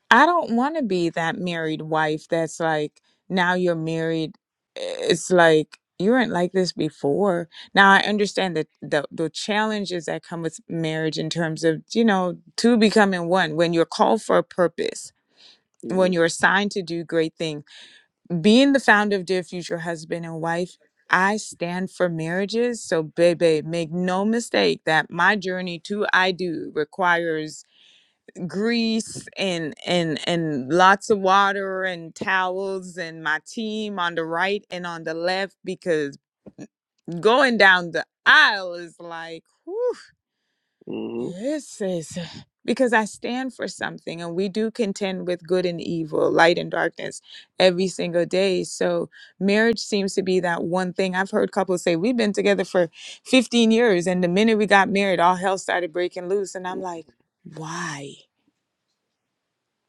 I don't want to be that married wife that's like, now you're married. It's like, you weren't like this before. Now I understand that the, the challenges that come with marriage in terms of, you know, two becoming one, when you're called for a purpose, when
hmm
you're assigned to do great things. Being the founder of Dear Future Husband and Wife, I stand for marriages. So, baby, make no mistake that my journey to I do requires grease and and and lots of water and towels and my team on the right and on the left because going down the aisle is like whew,
hmm
this is because I stand for something and we do contend with good and evil, light and darkness every single day. So marriage seems to be that one thing. I've heard couples say, We've been together for 15 years, and the minute we got married, all hell started breaking loose. And I'm like, why?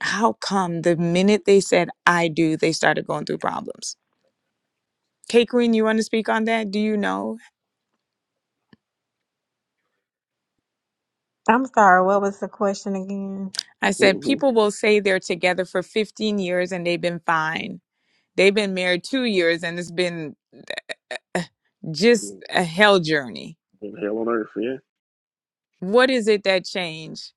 How come the minute they said I do, they started going through problems? K Queen, you want to speak on that? Do you know?
I'm sorry. What was the question again?
I said
hmm
people will say they're together for 15 years and they've been fine. They've been married two years and it's been uh, just a hell journey.
hell on earth. Yeah,
What is it that changed?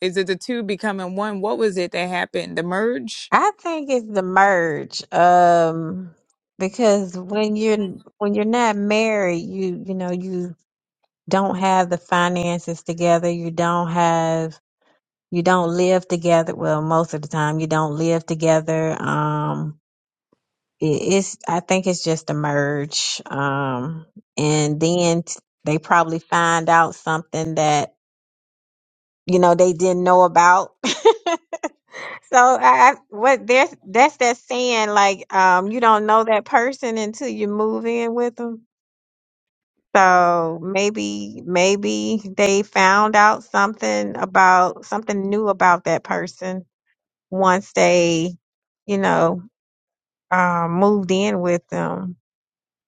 Is it the two becoming one? What was it that happened? The merge?
I think it's the merge. Um, because when you're when you're not married, you you know you don't have the finances together, you don't have you don't live together. Well, most of the time you don't live together. Um it, it's I think it's just a merge. Um and then t- they probably find out something that you know they didn't know about. [LAUGHS] So I, I what there's that's that saying like um you don't know that person until you move in with them. So maybe maybe they found out something about something new about that person once they, you know, um, moved in with them.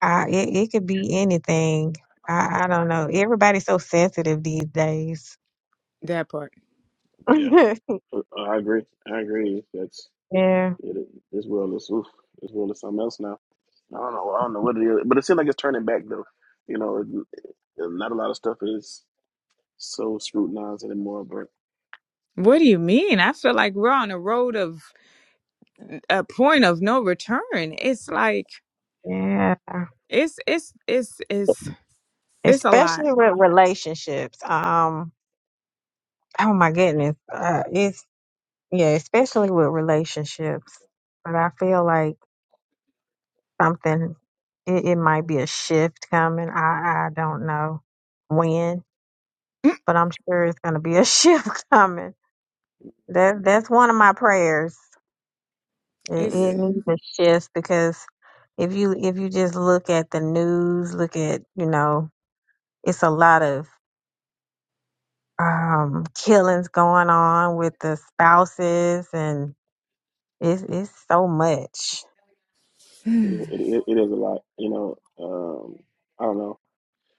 I, it, it could be anything. I, I don't know. Everybody's so sensitive these days.
That part.
yeah.
[LAUGHS]
I I agree. I agree. That's
yeah.
it, this world is oof, this world is something else now. I don't know. I don't know what it is, but it seems like it's turning back though. You know, it, not a lot of stuff is so scrutinized anymore. But
What do you mean? I feel like we're on a road of a point of no return. It's like
Yeah,
it's it's it's it's it's a lot.
especially with relationships. Um, oh my goodness, uh, it's yeah, especially with relationships. But I feel like something, it, it might be a shift coming. I I don't know when, but I'm sure it's going to be a [LAUGHS] shift coming. That that's one of my prayers. It, it
It's
yeah,
needs a shift because if you if you just look at the news, look at you know, it's a lot of um, killings going on with the spouses, and it's it's so much.
[SIGHS] I
it, it, it is a lot. You know, um, I don't know.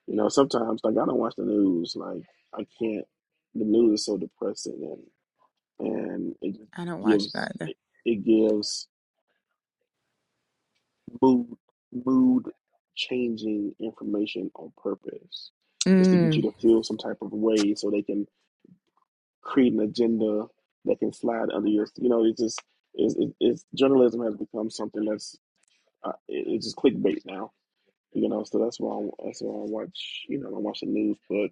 You know, sometimes like I don't watch the news. Like I can't. The news is so depressing and and it
don't watch it
gives
either.
it, it gives mood mood changing information on purpose just to get you
Mm,
to feel some type of way so they can create an agenda that can slide under your you know it's just it's, it's, it's journalism has become something that's uh, it- it's just clickbait now you know so that's why I, that's why I watch you know I watch the news but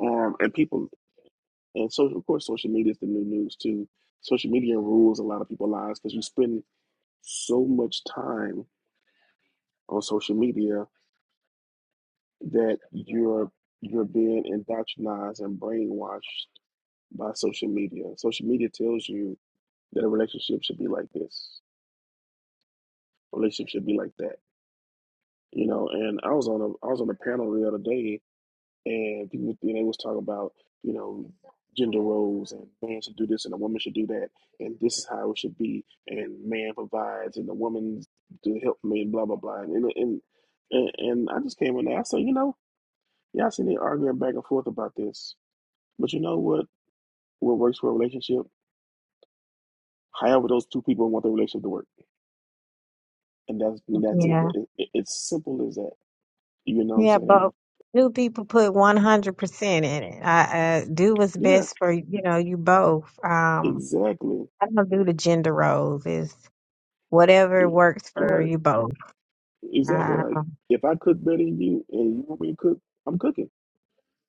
um and people and so of course social media is the new news too social media rules a lot of people's lives because you spend so much time on social media that you're you're being indoctrinized and brainwashed by social media. Social media tells you that a relationship should be like this, a relationship should be like that. You know, and I was on a I was on a panel the other day, and people you know, they was talking about you know gender roles and man should do this and a woman should do that, and this is how it should be, and man provides and the woman's to help me, blah blah blah, and and and, and I just came in there. I said, you know, y'all sitting here arguing back and forth about this. But you know what? What works for a relationship, however those two people want their relationship to work, and that's and that's it.
Yeah,
It- it- It's simple as that. You know what I'm
yeah,
saying?
but new people put one hundred percent in it. I, I do what's
Yeah,
best for you know you both. Um,
exactly.
I don't do the gender roles. Is whatever
Yeah,
works for
Right,
you both.
exactly. Like
Um,
if I cook better than you, and you want me to cook, I'm cooking.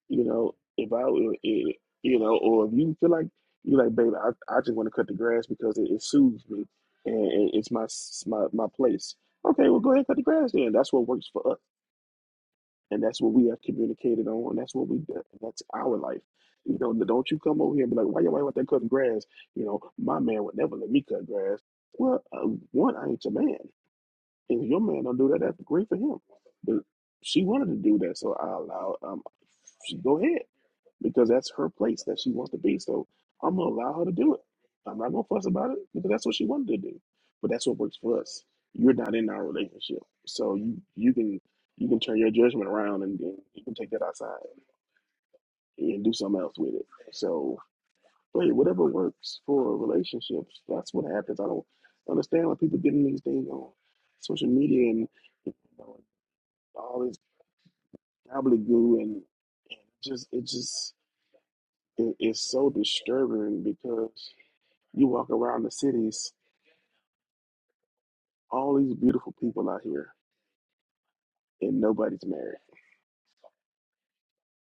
You know, if I, uh, eh, you know, or if you feel like you like, baby, I, I just want to cut the grass because it, it soothes me, and it- it's my s- my my place. Okay, well, go ahead and cut the grass then. That's what works for us and that's what we have communicated on. that's what we do. That's our life. You know, don't you come over here and be like, why your wife out there cutting grass? You know, my man would never let me cut grass. Well, uh, one, I ain't your man. If your man don't do that, that's great for him. But she wanted to do that, so I allowed. Um, she go ahead because that's her place that she wants to be. So I'm gonna allow her to do it. I'm not gonna fuss about it because that's what she wanted to do. But that's what works for us. You're not in our relationship, so you you can you can turn your judgment around and, and you can take that outside and do something else with it. So, but hey, whatever works for relationships, that's what happens. I don't understand why people getting these things on social media and you know, all this gobbledygook and, and just it just it, it's so disturbing because You walk around the cities, all these beautiful people out here, and nobody's married.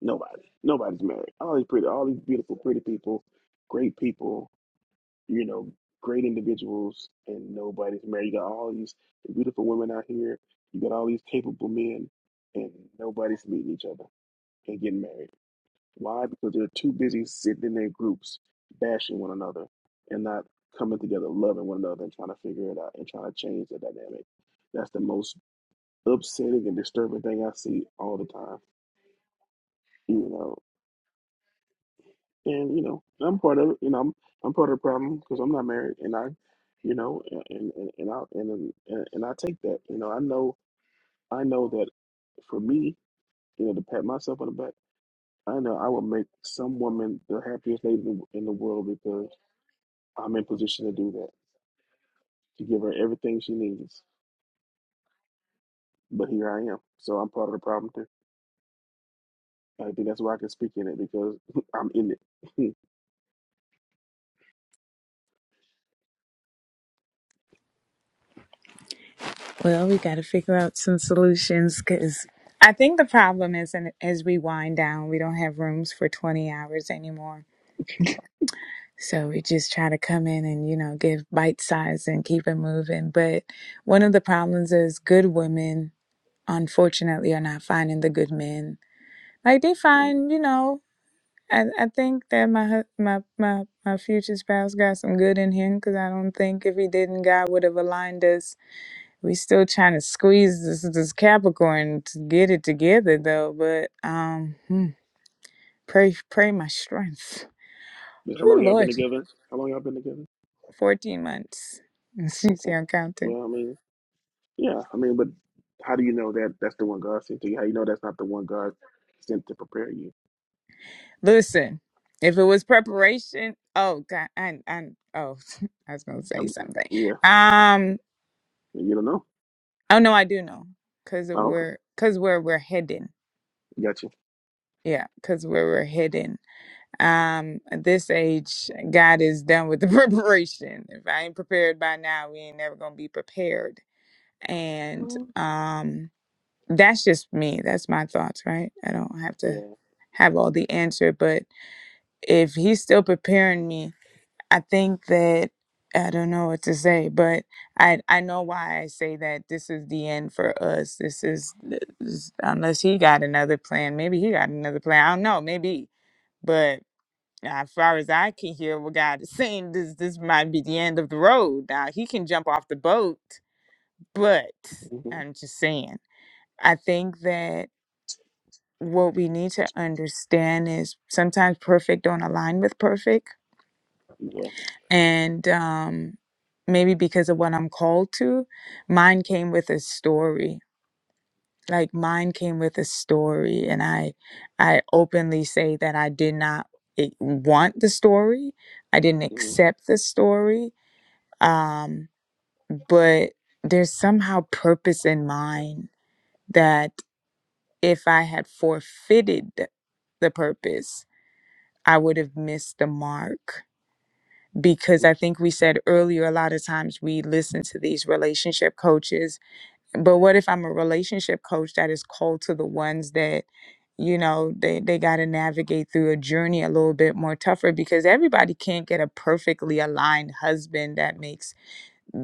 Nobody. Nobody's married. All these pretty, all these beautiful, pretty people, great people, you know, great individuals, and nobody's married. You got all these beautiful women out here. You got all these capable men, and nobody's meeting each other and getting married. Why? Because they're too busy sitting in their groups, bashing one another, and not coming together, loving one another, and trying to figure it out and trying to change the dynamic. That's the most upsetting and disturbing thing I see all the time. You know, and you know, I'm part of it. You know, I'm I'm part of the problem because I'm not married, and I, you know, and and and I and and, and I take that. You know, I know I know that for me, you know, to pat myself on the back, I know I will make some woman the happiest lady in in the world because I'm in position to do that to give her everything she needs. But here I am, so I'm part of the problem too. I think that's why I can speak in it because [LAUGHS] I'm in it.
well, we got to figure out some solutions because I think the problem is, and as we wind down, we don't have rooms for twenty hours anymore. So we just try to come in and you know give bite size and keep it moving. But one of the problems is good women, unfortunately, are not finding the good men. Like they
[LAUGHS]
find, you know, I, I think that my hu- my my my future spouse got some good in him because I don't think if he didn't, God would have aligned us We still trying to squeeze this this Capricorn to get it together though, but um hmm, pray pray my strength.
But How
Oh
long y'all been
Lord.
together? How long y'all been together?
Fourteen months. [LAUGHS] You
Okay.
see I'm counting.
Well, I mean, yeah, I mean, but how do you know that that's the one God sent to you? How you know that's not the one God sent to prepare you?
Listen, if it was preparation, oh god and and oh [LAUGHS] I was gonna say
Um
something.
yeah,
Um
you don't know.
oh no, I do know. Cause of
Oh, okay,
where cause where we're heading.
got you.
Yeah, cause where we're heading. Um, at this age, God is done with the [LAUGHS] preparation. If I ain't prepared by now, we ain't never gonna be prepared. And
Mhm.
um, that's just me. That's my thoughts, right? I don't have to
Yeah.
have all the answer, but if He's still preparing me, I think that I don't know what to say, but I I know why I say that this is the end for us. This is this- is unless He got another plan. Maybe He got another plan. I don't know. Maybe, but. Now, as far as I can hear, what God is [LAUGHS] saying, this this might be the end of the road. Now he can jump off the boat, but
hmm
I'm just saying. I think that what we need to understand is sometimes perfect don't align with perfect,
Yeah.
and um, maybe because of what I'm called to, mine came with a story. Like mine came with a story, and I, I openly say that I did not eh, want the story. I didn't
Mm-hmm.
accept the story um, but there's somehow purpose in mine that if I had forfeited the purpose, I would have missed the mark. Because I think we said earlier, a lot of times we listen to these relationship coaches, but what if I'm a relationship coach that is called to the ones that, you know, they, they got to navigate through a journey a little bit more tougher because everybody can't get a perfectly aligned husband that makes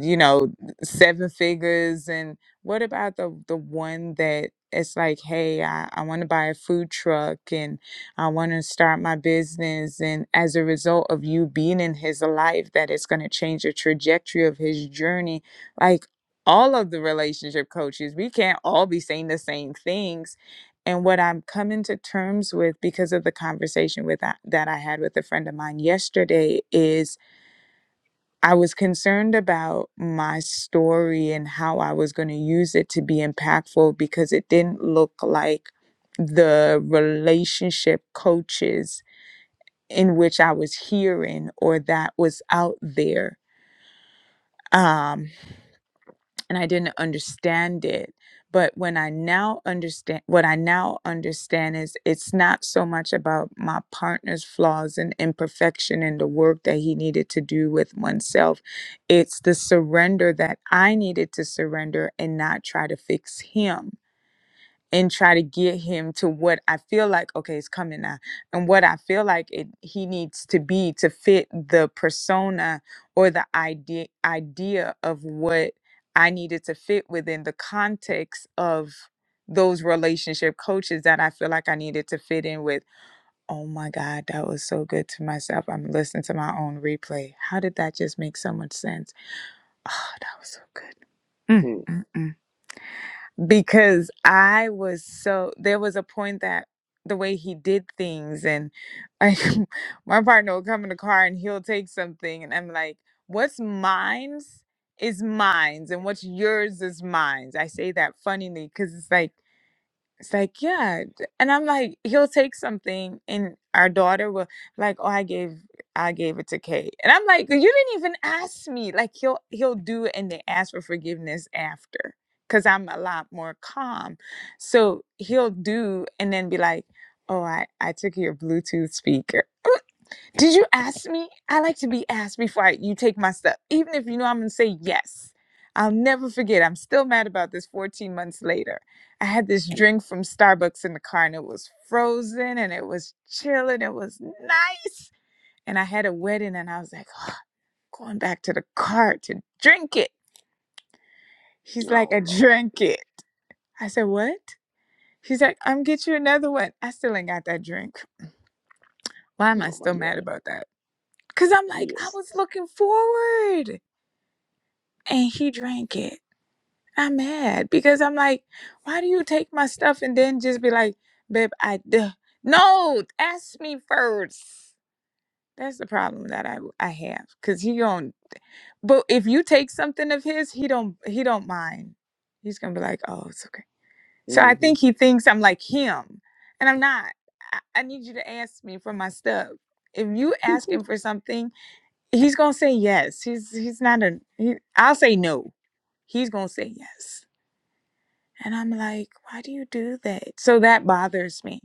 you know seven figures and what about the the one that it's like hey i, I want to buy a food truck and i want to start my business and as a result of you being in his life that it's going to change the trajectory of his journey like all of the relationship coaches we can't all be saying the same things and what i'm coming to terms with because of the conversation with that, that i had with a friend of mine yesterday is I was concerned about my story and how I was going to use it to be impactful because it didn't look like the relationship coaches in which I was hearing or that was out there. Um, and I didn't understand it. But when I now understand, what I now understand is it's not so much about my partner's flaws and imperfection and the work that he needed to do with oneself. It's the surrender that I needed to surrender and not try to fix him and try to get him to what I feel like okay it's coming now and what I feel like it he needs to be to fit the persona or the idea idea of what I needed to fit within the context of those relationship coaches that I feel like I needed to fit in with. Oh my God, that was so good to myself. I'm listening to my own replay. How did that just make so much sense? Oh, that was so good. Mm, mm, mm because I was so there was a point that the way he did things and I [LAUGHS] my partner will come in the car and he'll take something and I'm like, what's mine's is mine's and what's yours is mine's. I say that funnily because it's like it's like, yeah. And I'm like, he'll take something and our daughter will like, oh, I gave I gave it to Kate. And I'm like, you didn't even ask me. Like he'll he'll do it and then ask for forgiveness after. Cause I'm a lot more calm. So he'll do and then be like, Oh, I, I took your Bluetooth speaker. [LAUGHS] Did you ask me? I like to be asked before I, you take my stuff, even if you know I'm going to say yes. I'll never forget. I'm still mad about this 14 months later. I had this drink from Starbucks in the car and it was frozen and it was chill and it was nice. And I had a wedding and I was like, oh, going back to the car to drink it. He's like,
Oh
I
Lord.
drank it. I said, what? He's like, I'm get you another one. I still ain't got that drink. Why am I
Oh my
still mad
God.
about that? Because I'm like, I
Yes.
was looking forward. and he drank it. I'm mad because I'm like, why do you take my stuff and then just be like, babe, I duh. no, ask me first. That's the problem that I I have because he don't. But if you take something of his, he don't he don't mind. He's gonna be like, oh, it's okay. So I
hmm
think he thinks I'm like him, and I'm not. I, I need you to ask me for my stuff. If you ask him for something, he's gonna say yes. He's he's not a. He, I'll say no. He's gonna say yes And I'm like, why do you do that? So that bothers me.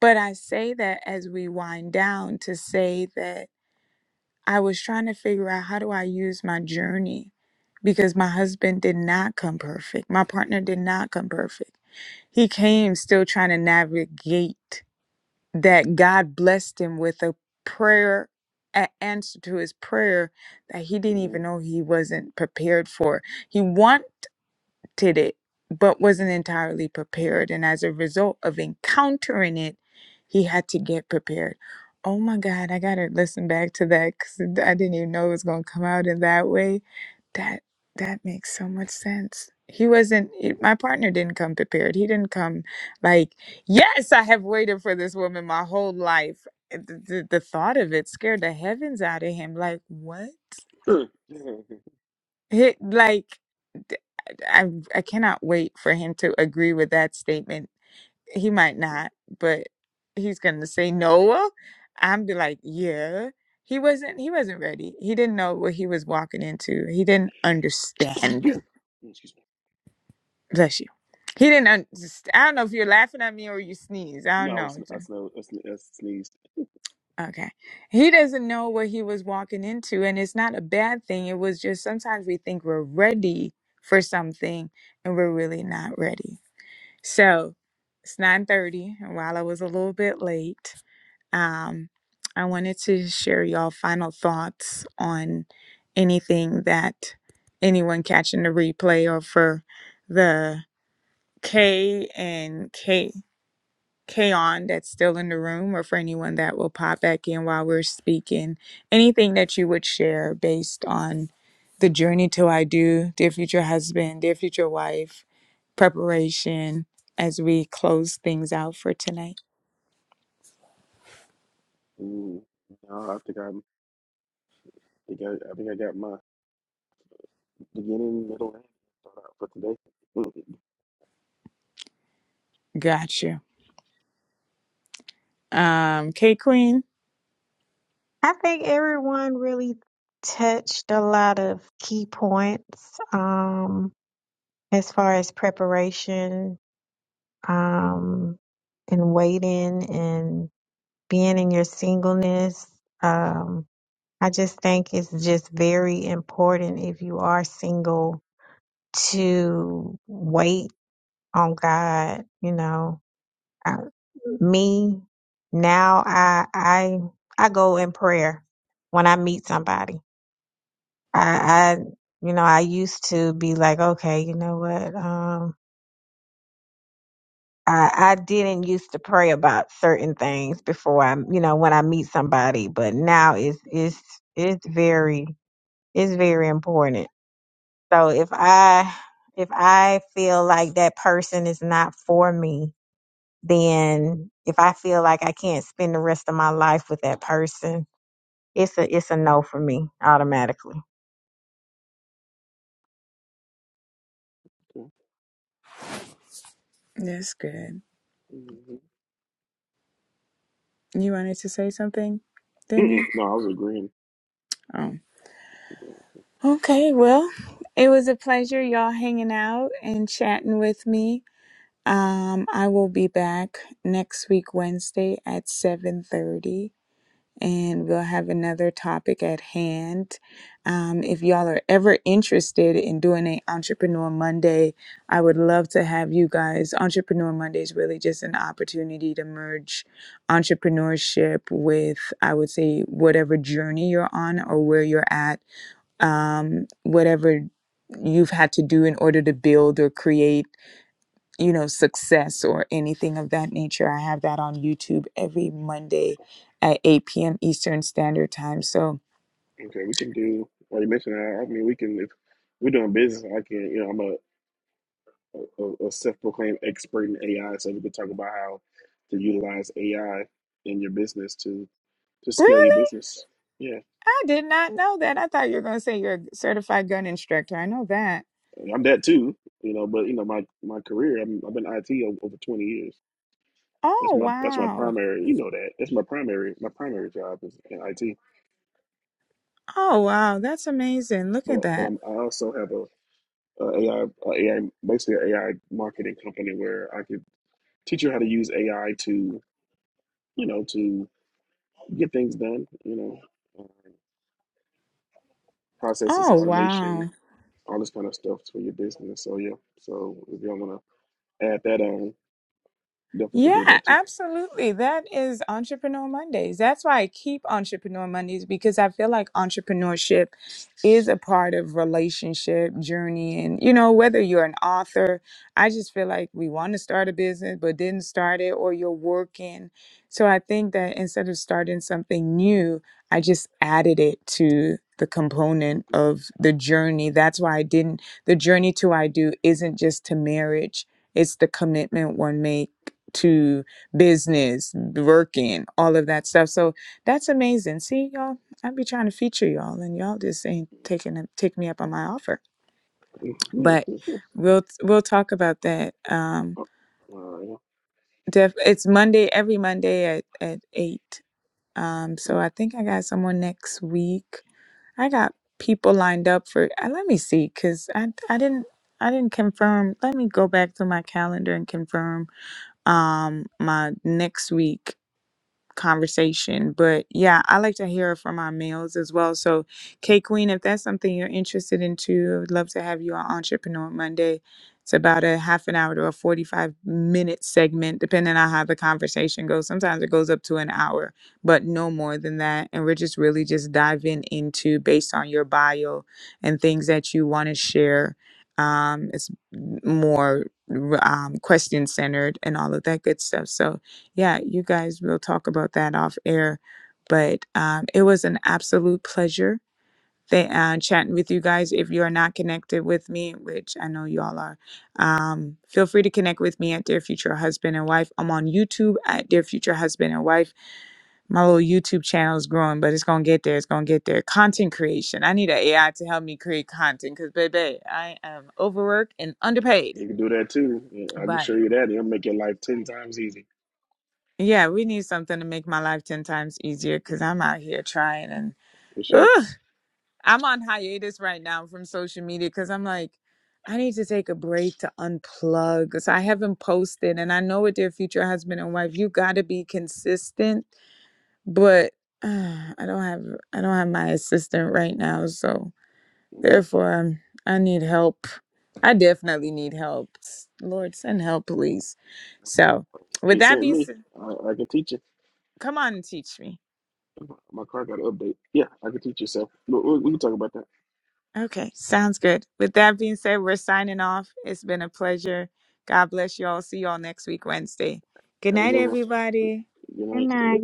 But I say that as we wind down to say that I was trying to figure out how do I use my journey because my husband did not come perfect. My partner did not come perfect. He came still trying to navigate that God blessed him with a prayer, an answer to his prayer that he didn't even know he wasn't prepared for. He want did it, but wasn't entirely prepared. And as a result of encountering it, he had to get prepared. Oh my God, I got to listen back to that because I didn't even know it was going to come out in that way. That that makes so much sense. He wasn't, it- my partner didn't come prepared. He didn't come like, yes, I have waited for this woman my whole life. Eh, The, the, the thought of it scared the heavens out of him. Like, what?
[LAUGHS]
He, like, d- I, I cannot wait for him to agree with that statement. He might not, but he's gonna say Noah. I'm be like, yeah. He wasn't. He wasn't ready. He didn't know what he was walking into. He didn't understand.
Excuse me.
Bless you. He
Thank
didn't
you.
understand. I don't know if you're laughing at me or you sneeze. I
No,
don't
I
know.
was I, sno- I sne- I sneezed.
Okay. He doesn't know what he was walking into, and it's not a bad thing. It was just sometimes we think we're ready for something and we're really not ready. So it's 9:30, and while I was a little bit late, um, I wanted to share y'all final thoughts on anything that anyone catching the replay or for the K and K. Kaon that's still in the room or for anyone that will pop back in while we're speaking, anything that you would share based on the journey to I do, dear future husband, dear future wife, preparation as we close things out for tonight.
Mm. No, I think I think I, I think I got my beginning, middle, and start out for today.
Gotcha. Um, K Queen,
I think everyone really touched a lot of key points um, as far as preparation um, and waiting and being in your singleness. Um, I just think it's just very important if you are single to wait on God, you know, Uh, me now, I I I go in prayer when I meet somebody. I, I you know I used to be like, okay, you know what? Um, I I didn't used to pray about certain things before I you know when I meet somebody, but now it's it's it's very it's very important. So if I if I feel like that person is not for me, then if I feel like I can't spend the rest of my life with that person, it's a it's a no for me automatically.
that's good.
mm
You wanted to say something,
Mm-mm.
Damien?
No, I was agreeing.
Oh. Okay, well, it was a pleasure y'all hanging out and chatting with me. Um, I will be back next week Wednesday at 7:30 and we'll have another topic at hand. Um, if y'all are ever interested in doing an entrepreneur Monday, I would love to have you guys. Entrepreneur Monday is really just an opportunity to merge entrepreneurship with I would say whatever journey you're on or where you're at, um, whatever you've had to do in order to build or create you know, success or anything of that nature. I have that on YouTube every Monday at 8 p.m. Eastern Standard Time. So,
Okay, we can do. Well, you mentioned that. I mean, we can if we're doing business. I can. You know, I'm a a, a self-proclaimed expert in AI, so we can talk about how to utilize AI in your business to to scale your
really?
business. Yeah,
I did not know that. I thought you were going to say you're a certified gun instructor. I know that.
I'm that too. You know, but you know, my my career. I'm, I've been IT over 20 years. That's
Oh,
my that's my
wow.
primary. You know that. That's my primary. My primary job is in IT.
Oh, wow. That's amazing. Look at
But but
that.
I'm, I also have a, a AI a AI basically an AI marketing company where I could teach you how to use AI to you know to get things done. You know, um, processes,
Oh, wow.
automation, all this kind of stuff for your business. So yeah. So if y'all want to add that on, definitely could do
Yeah,
that too.
absolutely. That is Entrepreneur Mondays. That's why I keep Entrepreneur Mondays because I feel like entrepreneurship is a part of relationship journey and you know whether you're an author i just feel like we want to start a business but didn't start it or you're working so i think that instead of starting something new i just added it to the component of the journey that's why i didn't the journey to i do isn't just to marriage it's the commitment one makes to business, working, all of that stuff. So that's amazing. See, y'all, I be trying to feature y'all, and y'all just ain't taking it- take me up on my offer. But
[LAUGHS]
we'll we'll talk about that. Um,
all right.
def, it's Monday every Monday at at eight. Um, so I think I got someone next week. I got people lined up for. Uh, let me see, cause I I didn't. I didn't confirm. Let me go back to my calendar and confirm um my next week conversation. But yeah, I like to hear from our males as well. So, K Queen, if that's something you're interested in too, I would love to have you on Entrepreneur Monday. It's about a half an hour to a 45 minute segment, depending on how the conversation goes. Sometimes it goes up to an hour, but no more than that. And we're just really just diving into based on your bio and things that you want to share. Um, it's more um, question centered and all of that good stuff. So, yeah, you guys will talk about that off air. But um, it was an absolute pleasure th- uh, chatting with you guys. If you are not connected with me, which I know you all are, um, feel free to connect with me at Dear Future Husband and Wife. I'm on YouTube at Dear Future Husband and Wife. My little YouTube channel is growing, but it's going to get there. It's going to get there. Content creation. I need an AI to help me create content because, baby, I am overworked and underpaid.
You can do that too. Yeah, I can
But
show you that. It'll make your life ten times easier.
Yeah, we need something to make my life 10 times easier
Yeah,
because I'm out here trying and
for sure.
ugh, I'm on hiatus right now from social media because I'm like, I need to take a break to unplug. So I haven't posted and I know with their future husband and wife, you got to be consistent, but [SIGHS] uh, I don't have I don't have my assistant right now. So
Yep.
therefore, um, I need help. I definitely need help. Lord, send help, please. So with
He
that
sent
being
me.
said,
I, I can teach you.
come on and teach me.
My car got an update. Yeah, I can teach you. So we, we we can talk about that.
Okay, sounds good. With that being said, we're signing off. It's been a pleasure. God bless you all. See you all next week, Wednesday. Good
Have a
night,
good one.
everybody.
Good night.
Good night.